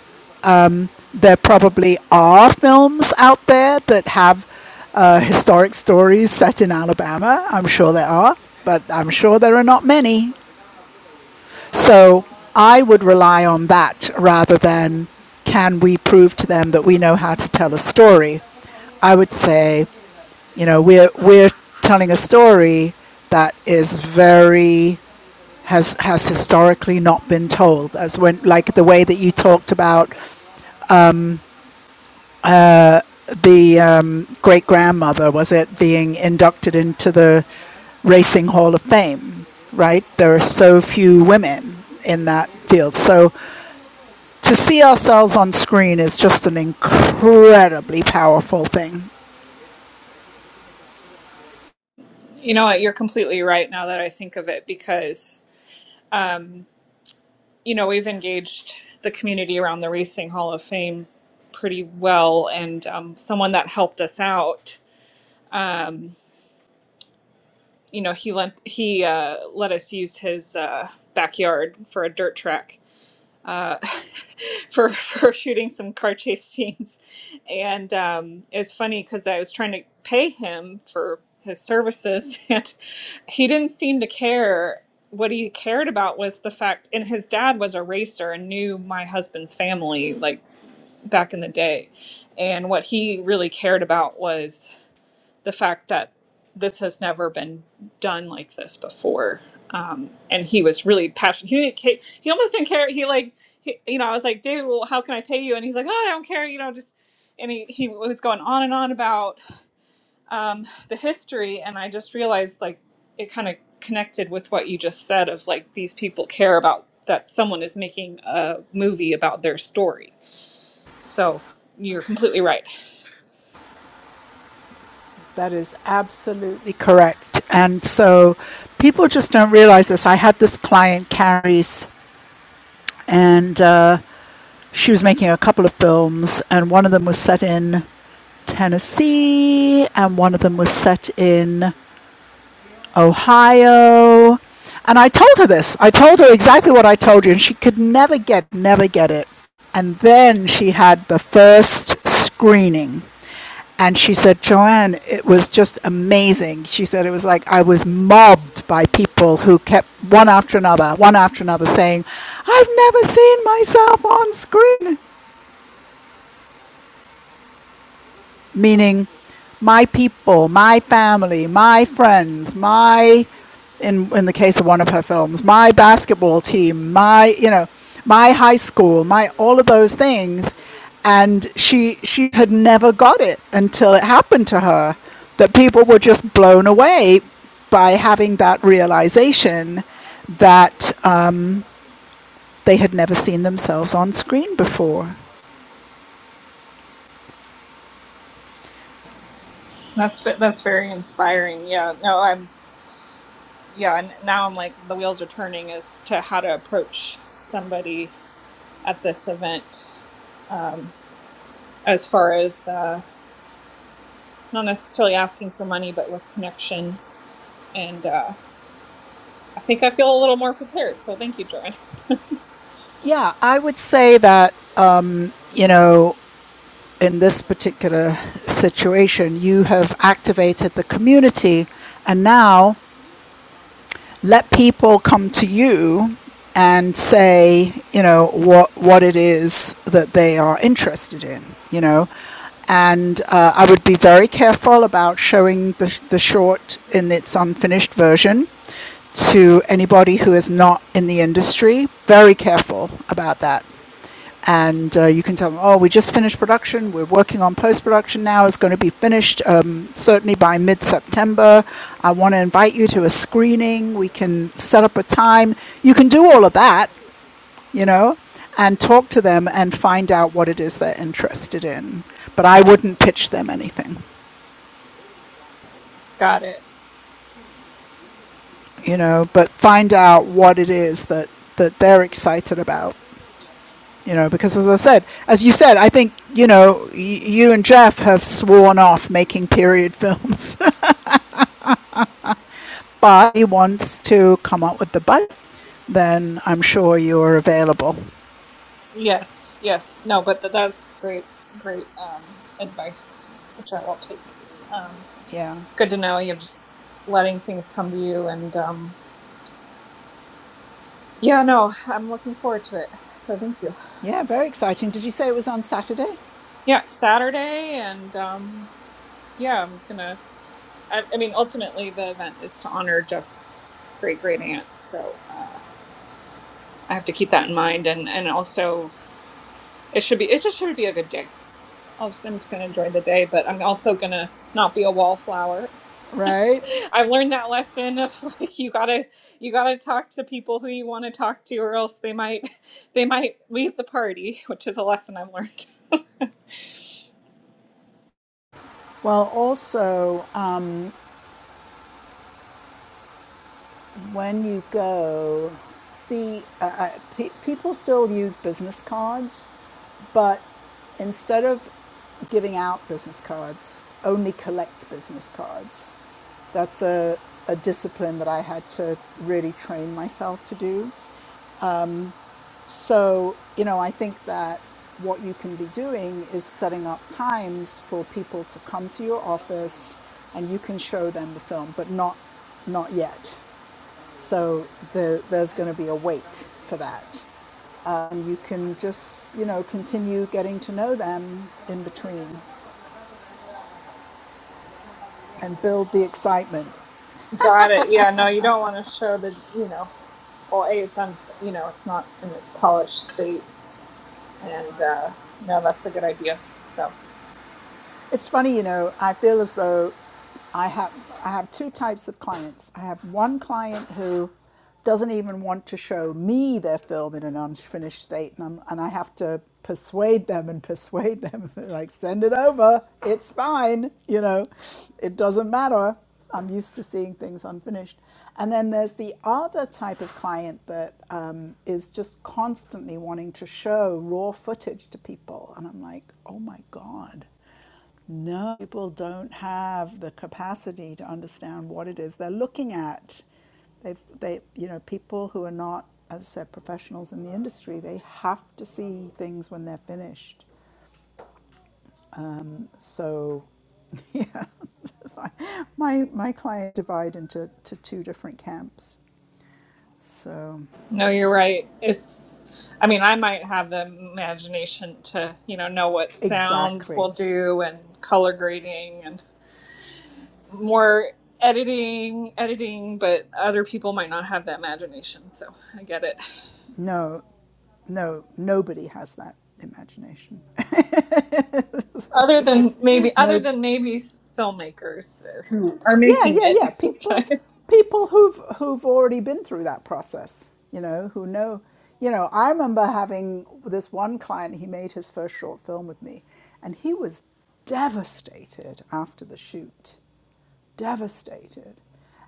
[SPEAKER 1] there probably are films out there that have uh, historic stories set in Alabama. I'm sure there are, but I'm sure there are not many. So I would rely on that rather than can we prove to them that we know how to tell a story. I would say, you know, we're we're telling a story that is very has has historically not been told as when like the way that you talked about the um, great grandmother, was it, being inducted into the Racing Hall of Fame, right? There are so few women in that field. So to see ourselves on screen is just an incredibly powerful thing.
[SPEAKER 6] You know what? You're completely right now that I think of it because, um, you know, we've engaged the community around the Racing Hall of Fame pretty well. And um, someone that helped us out, um, you know, he lent, he uh, let us use his uh, backyard for a dirt track uh, [laughs] for for shooting some car chase scenes, and um, it's funny because I was trying to pay him for his services, [laughs] and he didn't seem to care. What he cared about was the fact, and his dad was a racer and knew my husband's family like back in the day, and what he really cared about was the fact that this has never been done like this before. Um, and he was really passionate. He didn't ca- he almost didn't care. He like, he, you know, I was like, David, well, how can I pay you? And he's like, oh, I don't care. You know, just, and he, he was going on and on about um, the history. And I just realized like it kind of connected with what you just said of like, these people care about that someone is making a movie about their story. So you're completely right.
[SPEAKER 1] That is absolutely correct. And so people just don't realize this. I had this client, Carries, and uh, she was making a couple of films, and one of them was set in Tennessee, and one of them was set in Ohio. And I told her this. I told her exactly what I told you, and she could never get, never get it. And then she had the first screening. And she said, Joanne, it was just amazing. She said it was like I was mobbed by people who kept one after another, one after another saying, I've never seen myself on screen. meaning my people, my family, my friends, my in in the case of one of her films, my basketball team, my you know, my high school, my all of those things, and she she had never got it until it happened to her that people were just blown away by having that realization that uh, they had never seen themselves on screen before.
[SPEAKER 6] That's, ve- that's very inspiring. Yeah. No, I'm, Yeah, and now I'm like the wheels are turning as to how to approach somebody at this event, um, as far as uh, not necessarily asking for money, but with connection. And uh, I think I feel a little more prepared. So thank you, Joanne.
[SPEAKER 1] Yeah, I would say that um, you know in this particular situation, you have activated the community, and now let people come to you and say, you know, what what it is that they are interested in, you know. And uh, I would be very careful about showing the, sh- the short in its unfinished version to anybody who is not in the industry. Very careful about that and uh, you can tell them, oh, we just finished production. We're working on post production now. It's going to be finished um, certainly by mid September. I want to invite you to a screening. We can set up a time. You can do all of that, you know, and talk to them and find out what it is they're interested in. But I wouldn't pitch them anything,
[SPEAKER 6] [laughs] Got it.
[SPEAKER 1] you know, but find out what it is that, that they're excited about you know, because as I said, as you said, I think, you know, y- you and Jeff have sworn off making period films, [laughs] but he wants to come up with the budget, then I'm sure you're available.
[SPEAKER 6] Yes, yes. No, but th- that's great, great um, advice, which I will take. Um,
[SPEAKER 1] Yeah.
[SPEAKER 6] good to know you're just letting things come to you. And um, yeah, no, I'm looking forward to it. So thank you.
[SPEAKER 1] Yeah, very exciting. Did you say it was on Saturday?
[SPEAKER 6] Yeah, Saturday, and um, yeah, I'm gonna. I, I mean, ultimately, the event is to honor Jeff's great great aunt, so uh, I have to keep that in mind, and and also it should be it just should be a good day. I'll just, I'm just gonna enjoy the day, but I'm also gonna not be a wallflower. [laughs]
[SPEAKER 1] Right.
[SPEAKER 6] I've learned that lesson of [laughs] like you gotta you gotta talk to people who you want to talk to, or else they might [laughs] they might leave the party, [laughs] which is a lesson I've learned. [laughs]
[SPEAKER 1] Well, also, um, when you go, see, uh, uh, pe- people still use business cards But instead of giving out business cards, only collect business cards. That's a, a discipline that I had to really train myself to do. So, you know, I think that what you can be doing is setting up times for people to come to your office and you can show them the film, but not not yet. So the, there's going to be a wait for that. Uh, And you can just, you know, continue getting to know them in between and build the excitement
[SPEAKER 6] Got it. Yeah, no, you don't want to show the, you know, well, A, it's un, you know, it's not in its polished state. And uh, no, that's a good idea. So,
[SPEAKER 1] It's funny, you know, I feel as though I have I have two types of clients. I have one client who doesn't even want to show me their film in an unfinished state, and, I'm, and I have to persuade them and persuade them, [laughs] like, send it over, it's fine, you know, it doesn't matter. I'm used to seeing things unfinished. And then there's the other type of client that um, is just constantly wanting to show raw footage to people. And I'm like, oh my God no, people don't have the capacity to understand what it is they're looking at. They've, they, you know, people who are not, as I said, professionals in the industry, they have to see things when they're finished. So, [laughs] yes, my my clients divide into to two different camps. So,
[SPEAKER 6] no, you're right. It's, I mean, I might have the imagination to, you know, know what sound
[SPEAKER 1] exactly.
[SPEAKER 6] will do and color grading and more editing, editing, but other people might not have that imagination. So I get it.
[SPEAKER 1] No, no, nobody has that imagination. [laughs] That's what
[SPEAKER 6] Other
[SPEAKER 1] it
[SPEAKER 6] than
[SPEAKER 1] is.
[SPEAKER 6] maybe, other
[SPEAKER 1] No,
[SPEAKER 6] than maybe filmmakers who are
[SPEAKER 1] yeah,
[SPEAKER 6] making
[SPEAKER 1] yeah, yeah.
[SPEAKER 6] it.
[SPEAKER 1] People,
[SPEAKER 6] [laughs]
[SPEAKER 1] people who've who've already been through that process, you know, who know, you know. I remember having this one client. He made his first short film with me, and he was devastated after the shoot devastated.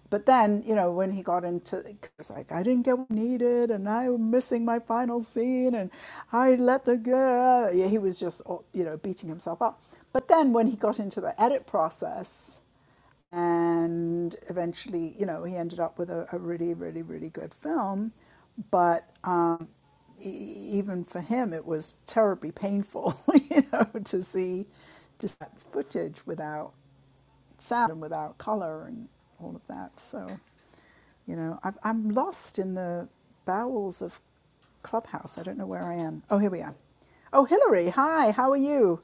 [SPEAKER 1] But then, you know, when he got into, it was like, I didn't get what I needed, and I'm missing my final scene, and I let the girl. Yeah, he was just, oh, you know, beating himself up. But then, when he got into the edit process, and eventually, you know, he ended up with a, a really, really, really good film. But um, e- even for him, it was terribly painful, [laughs] you know, to see just that footage without sound and without colour and all of that. So, you know, I've, I'm lost in the bowels of Clubhouse. I don't know where I am. Oh, here we are. Oh, Hillary, hi, how are you?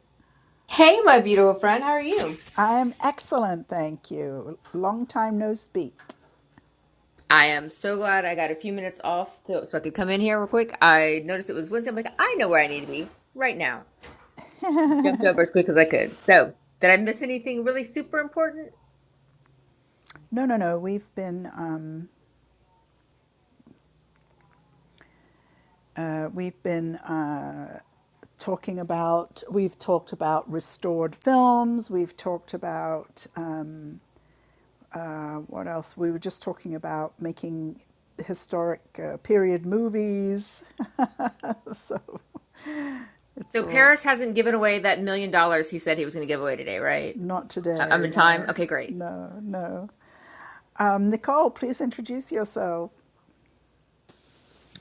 [SPEAKER 7] Hey, my beautiful friend, how are you?
[SPEAKER 1] I am excellent, thank you. Long time no speak.
[SPEAKER 7] I am so glad I got a few minutes off to, so I could come in here real quick. I noticed it was Wednesday. I'm like, I know where I need to be right now. Jumped over as quick as I could. So, did I miss anything really super important?
[SPEAKER 1] No, no, no. We've been um, uh, we've been uh, talking about we've talked about restored films. We've talked about uh, Uh, what else? We were just talking about making historic uh, period movies. [laughs] So it's
[SPEAKER 7] So,
[SPEAKER 1] all
[SPEAKER 7] Paris hasn't given away that million dollars he said he was going to give away today, right?
[SPEAKER 1] not
[SPEAKER 7] I- I'm
[SPEAKER 1] today.
[SPEAKER 7] in time.
[SPEAKER 1] No,
[SPEAKER 7] Okay, great.
[SPEAKER 1] no, no. Um, Nicole, please introduce yourself.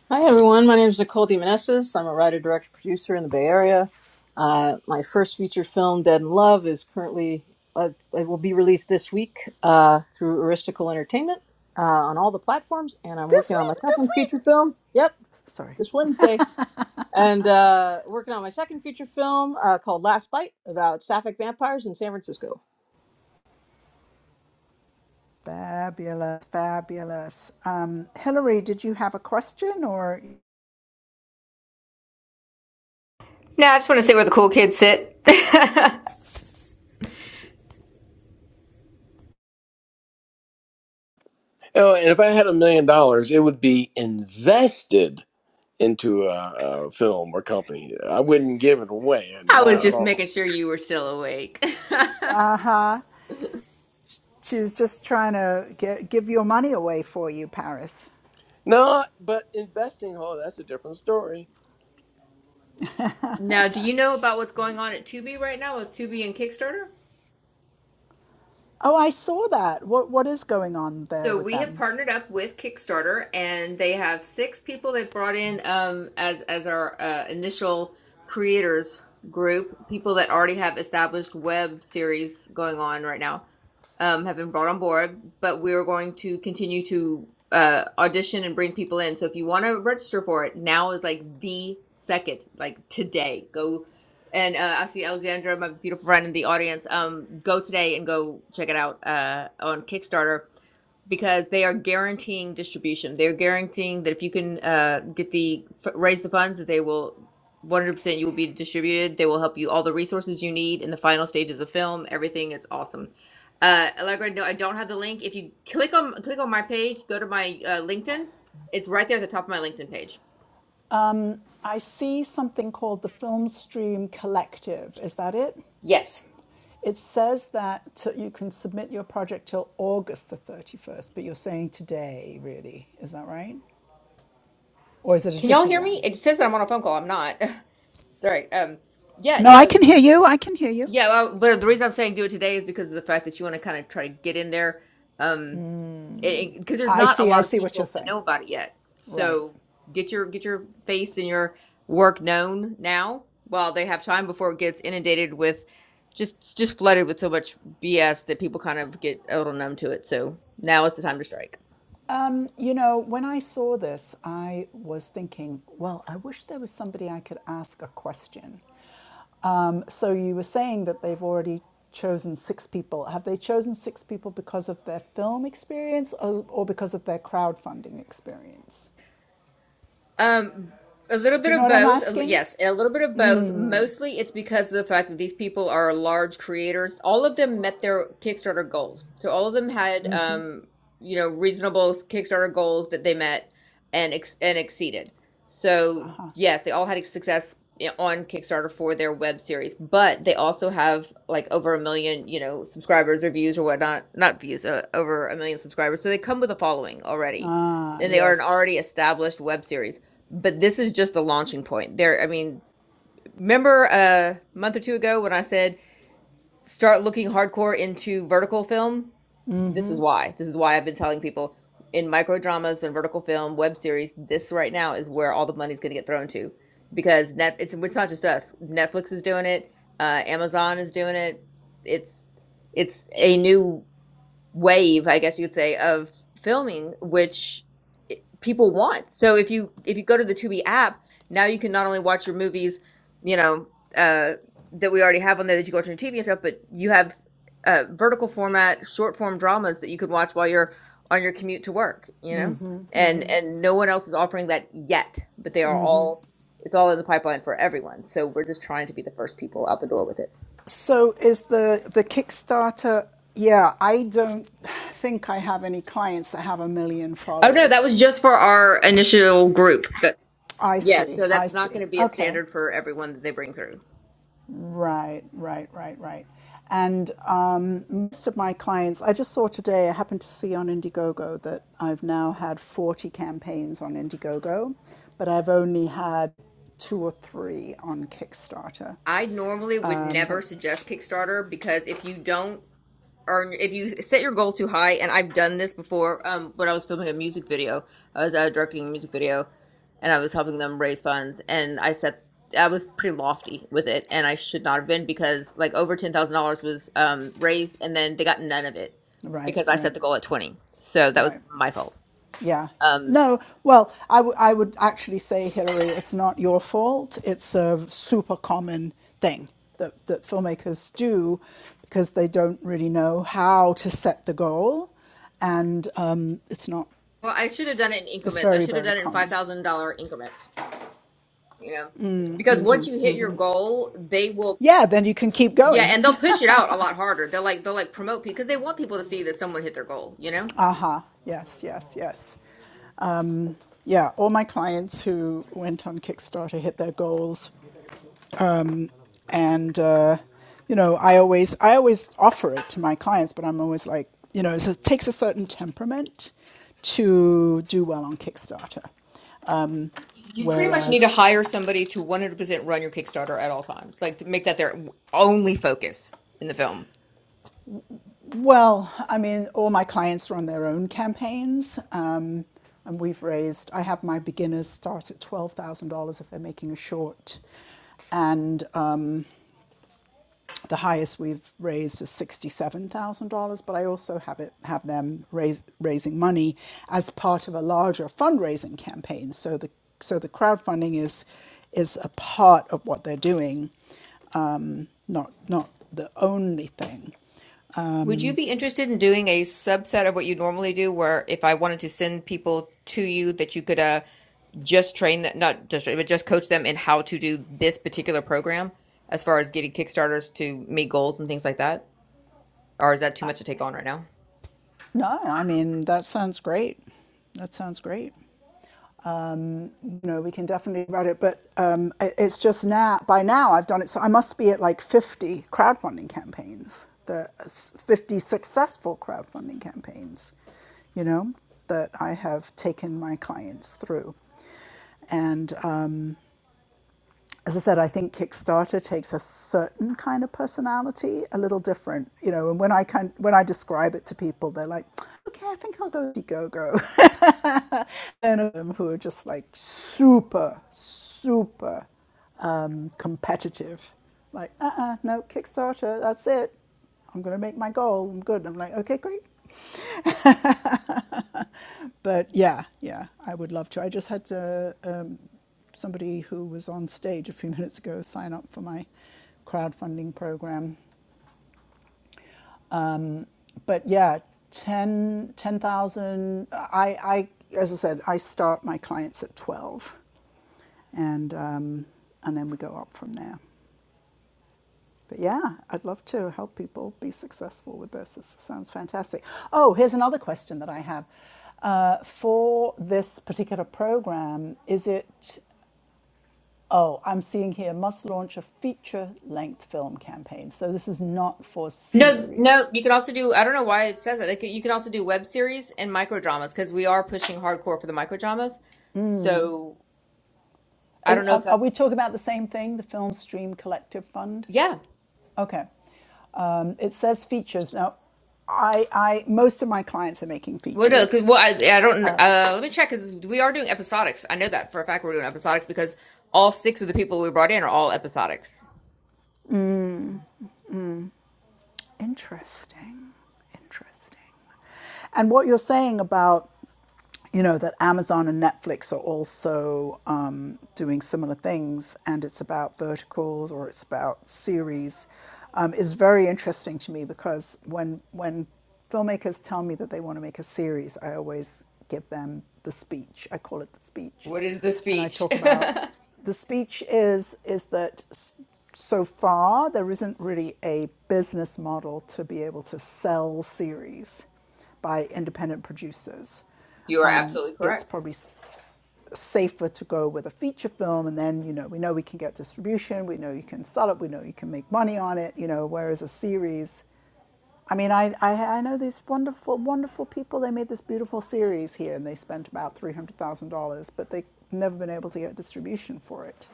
[SPEAKER 8] Hi, everyone. My name is Nicole DeMonesis. I'm a writer, director, producer in the Bay Area. Uh, my first feature film, Dead in Love, is currently, uh, it will be released this week uh, through Aristocle Entertainment uh, on all the platforms. And I'm
[SPEAKER 1] This
[SPEAKER 8] working on my
[SPEAKER 1] week, this
[SPEAKER 8] second
[SPEAKER 1] week.
[SPEAKER 8] feature film. Yep,
[SPEAKER 1] Sorry.
[SPEAKER 8] this Wednesday. And uh, working on my second feature film uh, called Last Bite about sapphic vampires in San Francisco.
[SPEAKER 1] Fabulous, fabulous. Um, Hillary, did you have a question or
[SPEAKER 7] No, I just want to sit where the cool kids sit. [laughs] I
[SPEAKER 2] oh, and if i had a million dollars it would be invested into a, a film or company i wouldn't give it away and
[SPEAKER 7] was
[SPEAKER 2] not at
[SPEAKER 7] just
[SPEAKER 2] all
[SPEAKER 7] making sure you were still awake. [laughs]
[SPEAKER 1] she's just trying to get, give your money away for you, Paris?
[SPEAKER 2] No, but investing, oh, that's a different story.
[SPEAKER 7] now, do you know about what's going on at Tubi right now with Tubi and Kickstarter?
[SPEAKER 1] Oh, I saw that. What What is going on there
[SPEAKER 7] So
[SPEAKER 1] with
[SPEAKER 7] we have
[SPEAKER 1] them?
[SPEAKER 7] partnered up with Kickstarter, and they have six people they brought in um, as as our uh, initial creators group. People that already have established web series going on right now um, have been brought on board, but we are going to continue to uh, audition and bring people in. So if you want to register for it, now is like the second, like today. Go and uh, I see Alexandra, my beautiful friend in the audience. Um, go today and go check it out uh, on Kickstarter because they are guaranteeing distribution. They're guaranteeing that if you can uh, get the f- raise the funds, that they will 100% you will be distributed. They will help you all the resources you need in the final stages of film. Everything it's awesome. Uh, Allegra, no, I don't have the link. If you click on click on my page, go to my uh, LinkedIn. It's right there at the top of my LinkedIn page.
[SPEAKER 1] I see something called the Filmstream Collective. Is that it?
[SPEAKER 7] Yes.
[SPEAKER 1] It says that t- you can submit your project till August the 31st, but you're saying today, really. Is that right? Or is it a
[SPEAKER 7] Can y'all
[SPEAKER 1] different
[SPEAKER 7] hear me?
[SPEAKER 1] one?
[SPEAKER 7] It says that I'm on a phone call. I'm not. [laughs] Sorry. Um. Yeah.
[SPEAKER 1] No, I can
[SPEAKER 7] No.
[SPEAKER 1] hear you. I can hear you.
[SPEAKER 7] Yeah. Well, but the reason I'm saying do it today is because of the fact that you want to kind of try to get in there. Um because there's
[SPEAKER 1] I
[SPEAKER 7] not a
[SPEAKER 1] see. I
[SPEAKER 7] lot of
[SPEAKER 1] see what you're
[SPEAKER 7] people that
[SPEAKER 1] saying.
[SPEAKER 7] know about it yet.
[SPEAKER 1] Right.
[SPEAKER 7] So get your get your face and your work known now while they have time before it gets inundated with just just flooded with so much BS that people kind of get a little numb to it. So now is the time to strike.
[SPEAKER 1] You know, when I saw this, I was thinking, well, I wish there was somebody I could ask a question. Um, so you were saying that they've already chosen six people. Have they chosen six people because of their film experience or, or because of their crowdfunding experience?
[SPEAKER 7] Um, a little
[SPEAKER 1] Do
[SPEAKER 7] bit
[SPEAKER 1] you know
[SPEAKER 7] of
[SPEAKER 1] what I'm
[SPEAKER 7] both. A li-
[SPEAKER 1] asking?
[SPEAKER 7] Yes, a little bit of both. Mostly it's because of the fact that these people are large creators. All of them met their Kickstarter goals. So all of them had um, you know, reasonable Kickstarter goals that they met and ex and exceeded. So, yes, they all had success i- on Kickstarter for their web series, but they also have like over a million, you know, subscribers or views or whatnot, not views, uh, over a million subscribers. So they come with a following already
[SPEAKER 1] Ah,
[SPEAKER 7] and they are an
[SPEAKER 1] yes.
[SPEAKER 7] already established web series but this is just the launching point there i mean remember a month or two ago when i said start looking hardcore into vertical film this is why this is why i've been telling people in micro dramas and vertical film web series this right now is where all the money's going to get thrown to because net it's, it's not just us netflix is doing it uh, amazon is doing it it's it's a new wave, I guess you could say, of filming, which i- people want. So if you if you go to the Tubi app, now you can not only watch your movies, you know, uh, that we already have on there that you can watch on your TV and stuff, but you have uh, vertical format, short form dramas that you could watch while you're on your commute to work. You know, and and no one else is offering that yet, but they are all. It's all in the pipeline for everyone. So we're just trying to be the first people out the door with it.
[SPEAKER 1] So is the the Kickstarter? Yeah, I don't think I have any clients that have a million
[SPEAKER 7] Oh no, that
[SPEAKER 1] followers.
[SPEAKER 7] was just for our initial group.
[SPEAKER 1] I
[SPEAKER 7] Yeah,
[SPEAKER 1] see.
[SPEAKER 7] so
[SPEAKER 1] I
[SPEAKER 7] that's not
[SPEAKER 1] see.
[SPEAKER 7] going to be a
[SPEAKER 1] Okay.
[SPEAKER 7] standard for everyone that they bring through.
[SPEAKER 1] Right, right, right, right. And um, most of my clients, I just saw today, I happened to see on Indiegogo that I've now had 40 campaigns on Indiegogo, but I've only had two or three on Kickstarter.
[SPEAKER 7] I normally would never suggest Kickstarter because if you don't earn, if you set your goal too high, and I've done this before um, when I was filming a music video, I was uh, directing a music video and I was helping them raise funds, and I set I was pretty lofty with it, and I should not have been because like over ten thousand dollars was um, raised, and then they got none of it
[SPEAKER 1] Right,
[SPEAKER 7] because I
[SPEAKER 1] right,
[SPEAKER 7] set the goal at twenty, so that was
[SPEAKER 1] right.
[SPEAKER 7] my fault.
[SPEAKER 1] Yeah.
[SPEAKER 7] Um,
[SPEAKER 1] No, well, I wou- I would actually say, Hillary, it's not your fault. It's a super common thing that, that filmmakers do because they don't really know how to set the goal. And um, it's not,
[SPEAKER 7] Well, I should have done it in
[SPEAKER 1] it's
[SPEAKER 7] increments. I
[SPEAKER 1] very,
[SPEAKER 7] should have
[SPEAKER 1] very
[SPEAKER 7] done it in five
[SPEAKER 1] common.
[SPEAKER 7] thousand dollar increments. You know, because once you hit your goal, they will.
[SPEAKER 1] Yeah, then you can keep
[SPEAKER 7] Yeah,
[SPEAKER 1] going.
[SPEAKER 7] and they'll
[SPEAKER 1] [laughs]
[SPEAKER 7] push it out a lot harder. They'll like they'll like promote people because they want people to see that someone hit their goal. You know,
[SPEAKER 1] Aha. uh-huh. Yes, yes, yes. Yeah, all my clients who went on Kickstarter hit their goals and uh, you know i always i always offer it to my clients but i'm always like you know so it takes a certain temperament to do well on kickstarter
[SPEAKER 7] you pretty much need
[SPEAKER 1] whereas
[SPEAKER 7] to hire somebody to one hundred percent run your Kickstarter at all times. Like to make that their only focus in the film.
[SPEAKER 1] well i mean all my clients run their own campaigns um, and we've raised i have my beginners start at $12000 if they're making a short and The highest we've raised is $67,000, but I also have it have them raise, raising money as part of a larger fundraising campaign. So the so the crowdfunding is is a part of what they're doing, not not the only thing.
[SPEAKER 7] Would you be interested in doing a subset of what you normally do, where if I wanted to send people to you, that you could uh, just train that, not just train, but just coach them in how to do this particular program as far as getting Kickstarters to meet goals and things like that? Or is that too much to take on right now?
[SPEAKER 1] No, I mean that sounds great. That sounds great. you know, we can definitely about it. But um, it's just now, by now, I've done it. So I must be at like 50 crowdfunding campaigns, the 50 successful crowdfunding campaigns, you know, that I have taken my clients through. And um, as I said, I think Kickstarter takes a certain kind of personality, a little different, you know. And when I can, when I describe it to people, they're like, "Okay, I think I'll go with Indiegogo." [laughs] and of them who are just like super, super um, competitive, like, "Uh, uh no, Kickstarter, that's it. I'm gonna make my goal. I'm good." I'm like, "Okay, great." But yeah, yeah, I would love to. I just had to, um, somebody who was on stage a few [laughs] minutes ago sign up for my crowdfunding program. But yeah, 10 10,000. I, I, as I said, I start my clients at 12 and, um, and then we go up from there. But yeah, I'd love to help people be successful with this. This sounds fantastic. Oh, here's another question that I have. Uh, for this particular program, is it Oh, I'm seeing here must launch a feature length film campaign. So this is not for
[SPEAKER 7] No,
[SPEAKER 1] series.
[SPEAKER 7] no, you can also do, I don't know why it says that. Like, you can also do web series and micro dramas because we are pushing hardcore for the micro dramas. So I
[SPEAKER 1] Is,
[SPEAKER 7] don't know
[SPEAKER 1] are,
[SPEAKER 7] if
[SPEAKER 1] are
[SPEAKER 7] that,
[SPEAKER 1] we talking about the same thing, the Film Stream Collective Fund?
[SPEAKER 7] yeah.
[SPEAKER 1] Okay. Um, it says features. Now, I, I, most of my clients are making
[SPEAKER 7] Well, Uh,
[SPEAKER 1] features.
[SPEAKER 7] 'cause- well, I, I don't. Uh, let me check because we are doing episodics. I know that for a fact. We're doing episodics because all six of the people we brought in are all episodics.
[SPEAKER 1] Interesting. Interesting. And what you're saying about you know that Amazon and Netflix are also um, doing similar things, and it's about verticals or it's about series, um, is very interesting to me because when when filmmakers tell me that they want to make a series, I always give them the speech. I call it the speech,
[SPEAKER 7] What is the
[SPEAKER 1] and I
[SPEAKER 7] speech?
[SPEAKER 1] talk about
[SPEAKER 7] [laughs]
[SPEAKER 1] the speech is is that so far there isn't really a business model to be able to sell series by independent producers.
[SPEAKER 7] you are
[SPEAKER 1] Um,
[SPEAKER 7] absolutely
[SPEAKER 1] it's
[SPEAKER 7] correct.
[SPEAKER 1] probably safer to go with a feature film and then you know we know we can get distribution we know you can sell it we know you can make money on it you know whereas a series I mean, I, I I know these wonderful wonderful people. They made this beautiful series here, and they spent about three hundred thousand dollars, but they've never been able to get distribution for it.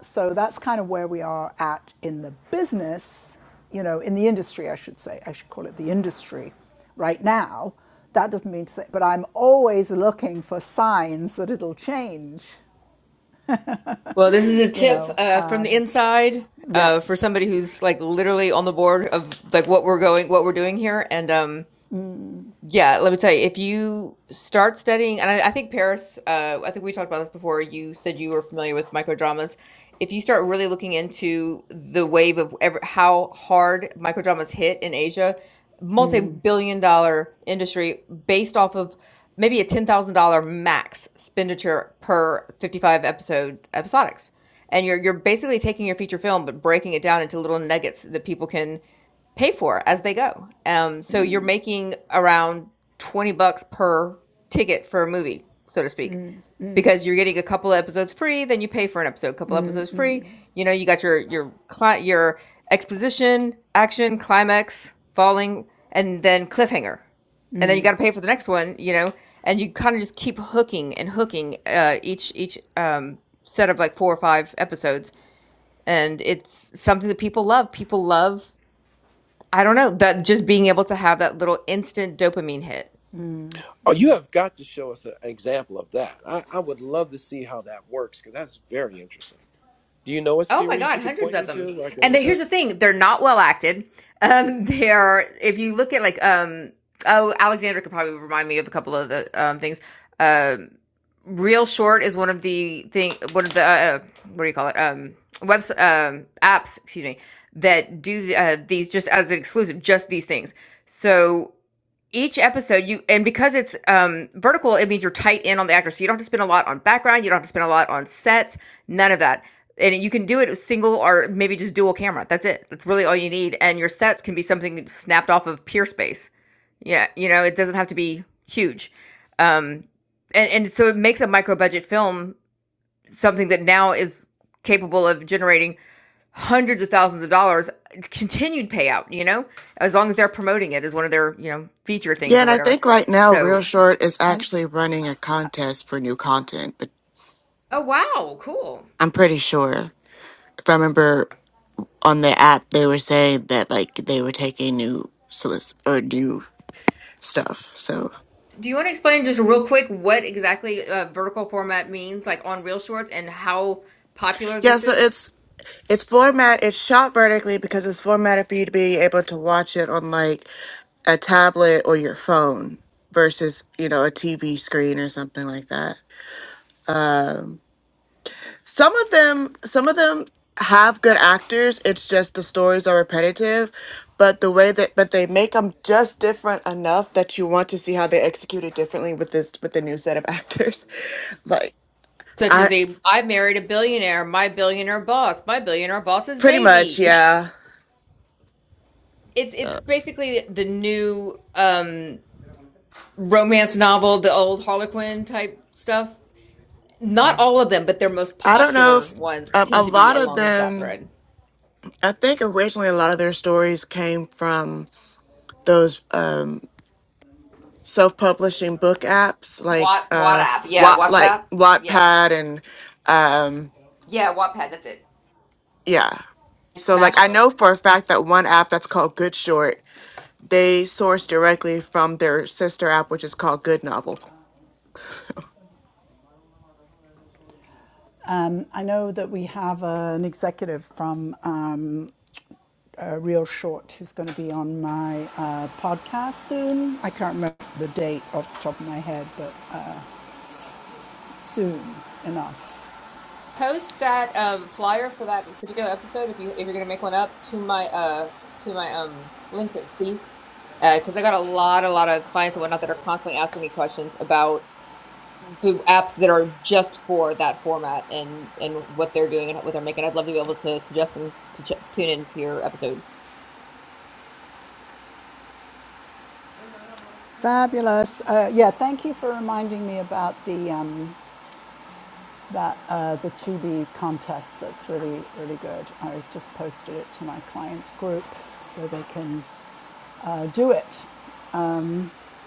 [SPEAKER 1] So that's kind of where we are at in the business. You know, in the industry, I should say. I should call it the industry. Right now, that doesn't mean to say, but I'm always looking for signs that it'll change.
[SPEAKER 7] Well, this is a
[SPEAKER 1] You
[SPEAKER 7] tip
[SPEAKER 1] know,
[SPEAKER 7] uh,
[SPEAKER 1] um,
[SPEAKER 7] from the inside
[SPEAKER 1] yeah.
[SPEAKER 7] uh, for somebody who's like literally on the board of like what we're going, what we're doing here, and um, yeah, let me tell you, if you start studying, and I, I think Paris, uh, I think we talked about this before. You said you were familiar with microdramas. If you start really looking into the wave of ever, how hard microdramas hit in Asia, multi-billion dollar industry based off of maybe a $10,000 max expenditure per 55 episode episodics. And you're you're basically taking your feature film but breaking it down into little nuggets that people can pay for as they go. Um, so you're making around 20 bucks per ticket for a movie, so to speak, because you're getting a couple of episodes free, then you pay for an episode, a couple episodes free. You know, you got your your cli- your exposition, action, climax, falling, and then cliffhanger. And then you got to pay for the next one, you know, and you kind of just keep hooking and hooking uh, each each um, set of like four or five episodes and it's something that people love. People love I don't know that just being able to have that little instant dopamine hit.
[SPEAKER 2] Oh, you have got to show us a- an example of that. I, I would love to see how that works because that's very interesting. Do you know a
[SPEAKER 7] Oh my
[SPEAKER 2] series
[SPEAKER 7] god,
[SPEAKER 2] you could
[SPEAKER 7] hundreds
[SPEAKER 2] point me
[SPEAKER 7] of them.
[SPEAKER 2] to where I can
[SPEAKER 7] And the,
[SPEAKER 2] look
[SPEAKER 7] here's
[SPEAKER 2] up?
[SPEAKER 7] the thing: they're not well acted. Um, [laughs] they are. If you look at like, um, oh, Alexandra could probably remind me of a couple of the um things. Um, Real Short is one of the thing, one of the uh, uh, what do you call it? Um, webs um apps. Excuse me. That do uh, these just as an exclusive, just these things. So each episode you and because it's um vertical it means you're tight in on the actor so you don't have to spend a lot on background you don't have to spend a lot on sets none of that and you can do it single or maybe just dual camera that's it that's really all you need and your sets can be something snapped off of peer space yeah you know it doesn't have to be huge um and, and so it makes a micro budget film something that now is capable of generating hundreds of thousands of dollars continued payout you know as long as they're promoting it as one of their you know feature
[SPEAKER 9] Yeah,
[SPEAKER 7] things or
[SPEAKER 9] and I
[SPEAKER 7] whatever
[SPEAKER 9] think right now
[SPEAKER 7] so
[SPEAKER 9] Real Short is
[SPEAKER 1] And
[SPEAKER 9] actually running a contest for new content, but
[SPEAKER 7] oh wow cool
[SPEAKER 9] I'm pretty sure. If I remember on the app they were saying that like they were taking new solic or new stuff. So
[SPEAKER 7] do you want to explain just real quick what exactly uh, vertical format means like on real shorts and how popular
[SPEAKER 9] yeah,
[SPEAKER 7] this
[SPEAKER 9] so
[SPEAKER 7] is
[SPEAKER 9] it's it's format it's shot vertically because it's formatted for you to be able to watch it on like a tablet or your phone versus, you know, a TV screen or something like that. Um, Some of them, some of them have good actors. It's just the stories are repetitive, but the way that but they make them just different enough that you want to see how they execute it differently with this with the new set of actors. [laughs] Like
[SPEAKER 7] such as
[SPEAKER 9] I
[SPEAKER 7] a i married a billionaire my billionaire boss my billionaire boss's
[SPEAKER 9] pretty
[SPEAKER 7] baby
[SPEAKER 9] much,
[SPEAKER 7] [laughs]
[SPEAKER 9] yeah.
[SPEAKER 7] it's it's
[SPEAKER 9] So
[SPEAKER 7] basically the new um romance novel, the old Harlequin type stuff. Not
[SPEAKER 9] yeah.
[SPEAKER 7] all of them, but their most
[SPEAKER 9] I don't know
[SPEAKER 7] popular
[SPEAKER 9] if
[SPEAKER 7] ones
[SPEAKER 9] um, a
[SPEAKER 7] tend to be
[SPEAKER 9] lot of
[SPEAKER 7] along that
[SPEAKER 9] them.
[SPEAKER 7] thread.
[SPEAKER 9] I think originally a lot of their stories came from those um, self-publishing book apps like
[SPEAKER 7] What
[SPEAKER 9] uh,
[SPEAKER 7] WhatsApp? Yeah,
[SPEAKER 9] Watt, like
[SPEAKER 7] WhatsApp. Yeah,
[SPEAKER 9] Wattpad and um,
[SPEAKER 7] yeah, Wattpad. That's it.
[SPEAKER 9] Yeah.
[SPEAKER 7] And
[SPEAKER 9] So like
[SPEAKER 7] Smash
[SPEAKER 9] I know
[SPEAKER 7] Books.
[SPEAKER 9] for a fact that one app that's called Good Short, they source directly from their sister app which is called Good Novel.
[SPEAKER 1] um, I know that we have uh, an executive from um, uh, Real Short, who's going to be on my uh, podcast soon. I can't remember the date off the top of my head, but uh, soon enough.
[SPEAKER 7] Post that um, flyer for that particular episode if you if you're gonna make one up to my uh to my um LinkedIn, please, because uh, I got a lot a lot of clients and whatnot that are constantly asking me questions about the apps that are just for that format and and what they're doing and what they're making. I'd love to be able to suggest them to ch- tune into your episode.
[SPEAKER 1] Fabulous. Uh, yeah, thank you for reminding me about the um, that uh, the 2 contest. That's really really good. I just posted it to my clients group so they can uh, do it,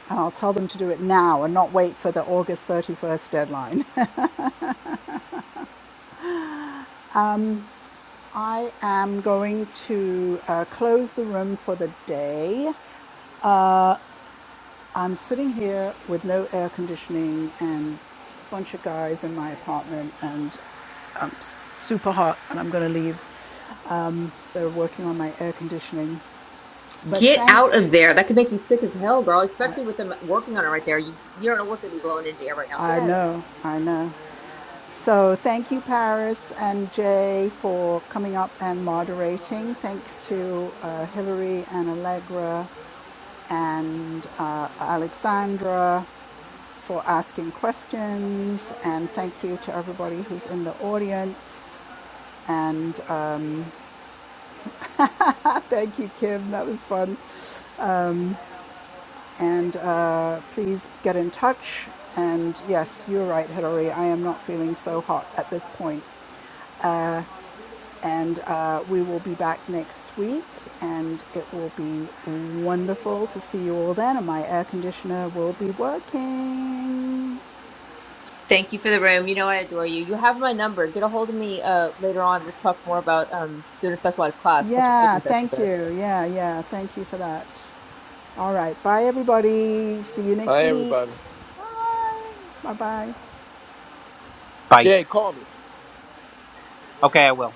[SPEAKER 1] and I'll tell them to do it now and not wait for the August 31st deadline. [laughs] I am going to uh, close the room for the day. I'm sitting here with no air conditioning and a bunch of guys in my apartment, and I'm super hot, and I'm going to leave. They're working on my air conditioning. But
[SPEAKER 7] Get out
[SPEAKER 1] thanks.
[SPEAKER 7] of there. That could make you sick as hell, girl. Especially with them working on it right there. You you don't know what's gonna be blowing into the air right now. Get
[SPEAKER 1] I
[SPEAKER 7] out of there.
[SPEAKER 1] know, I know. So thank you, Paris and Jay, for coming up and moderating. Thanks to uh, Hillary and Allegra and uh, Alexandra for asking questions. And thank you to everybody who's in the audience. And uh, thank you, Kim. That was fun. And uh, please get in touch. And yes, you're right, Hilary. I am not feeling so hot at this point. And uh, we will be back next week, and it will be wonderful to see you all then. And my air conditioner will be working.
[SPEAKER 7] Thank you for the room. You know I adore you. You have my number. Get a hold of me uh, later on. Let's talk more about um, doing a specialized class, special
[SPEAKER 1] Yeah,
[SPEAKER 7] coaching session
[SPEAKER 1] thank
[SPEAKER 7] for this.
[SPEAKER 1] you. Yeah, yeah, thank you for that. All right, bye everybody. See you next
[SPEAKER 2] Hi,
[SPEAKER 1] week.
[SPEAKER 2] everybody.
[SPEAKER 1] Bye. Bye bye.
[SPEAKER 3] Bye.
[SPEAKER 2] Jay, call me.
[SPEAKER 3] Okay, I will.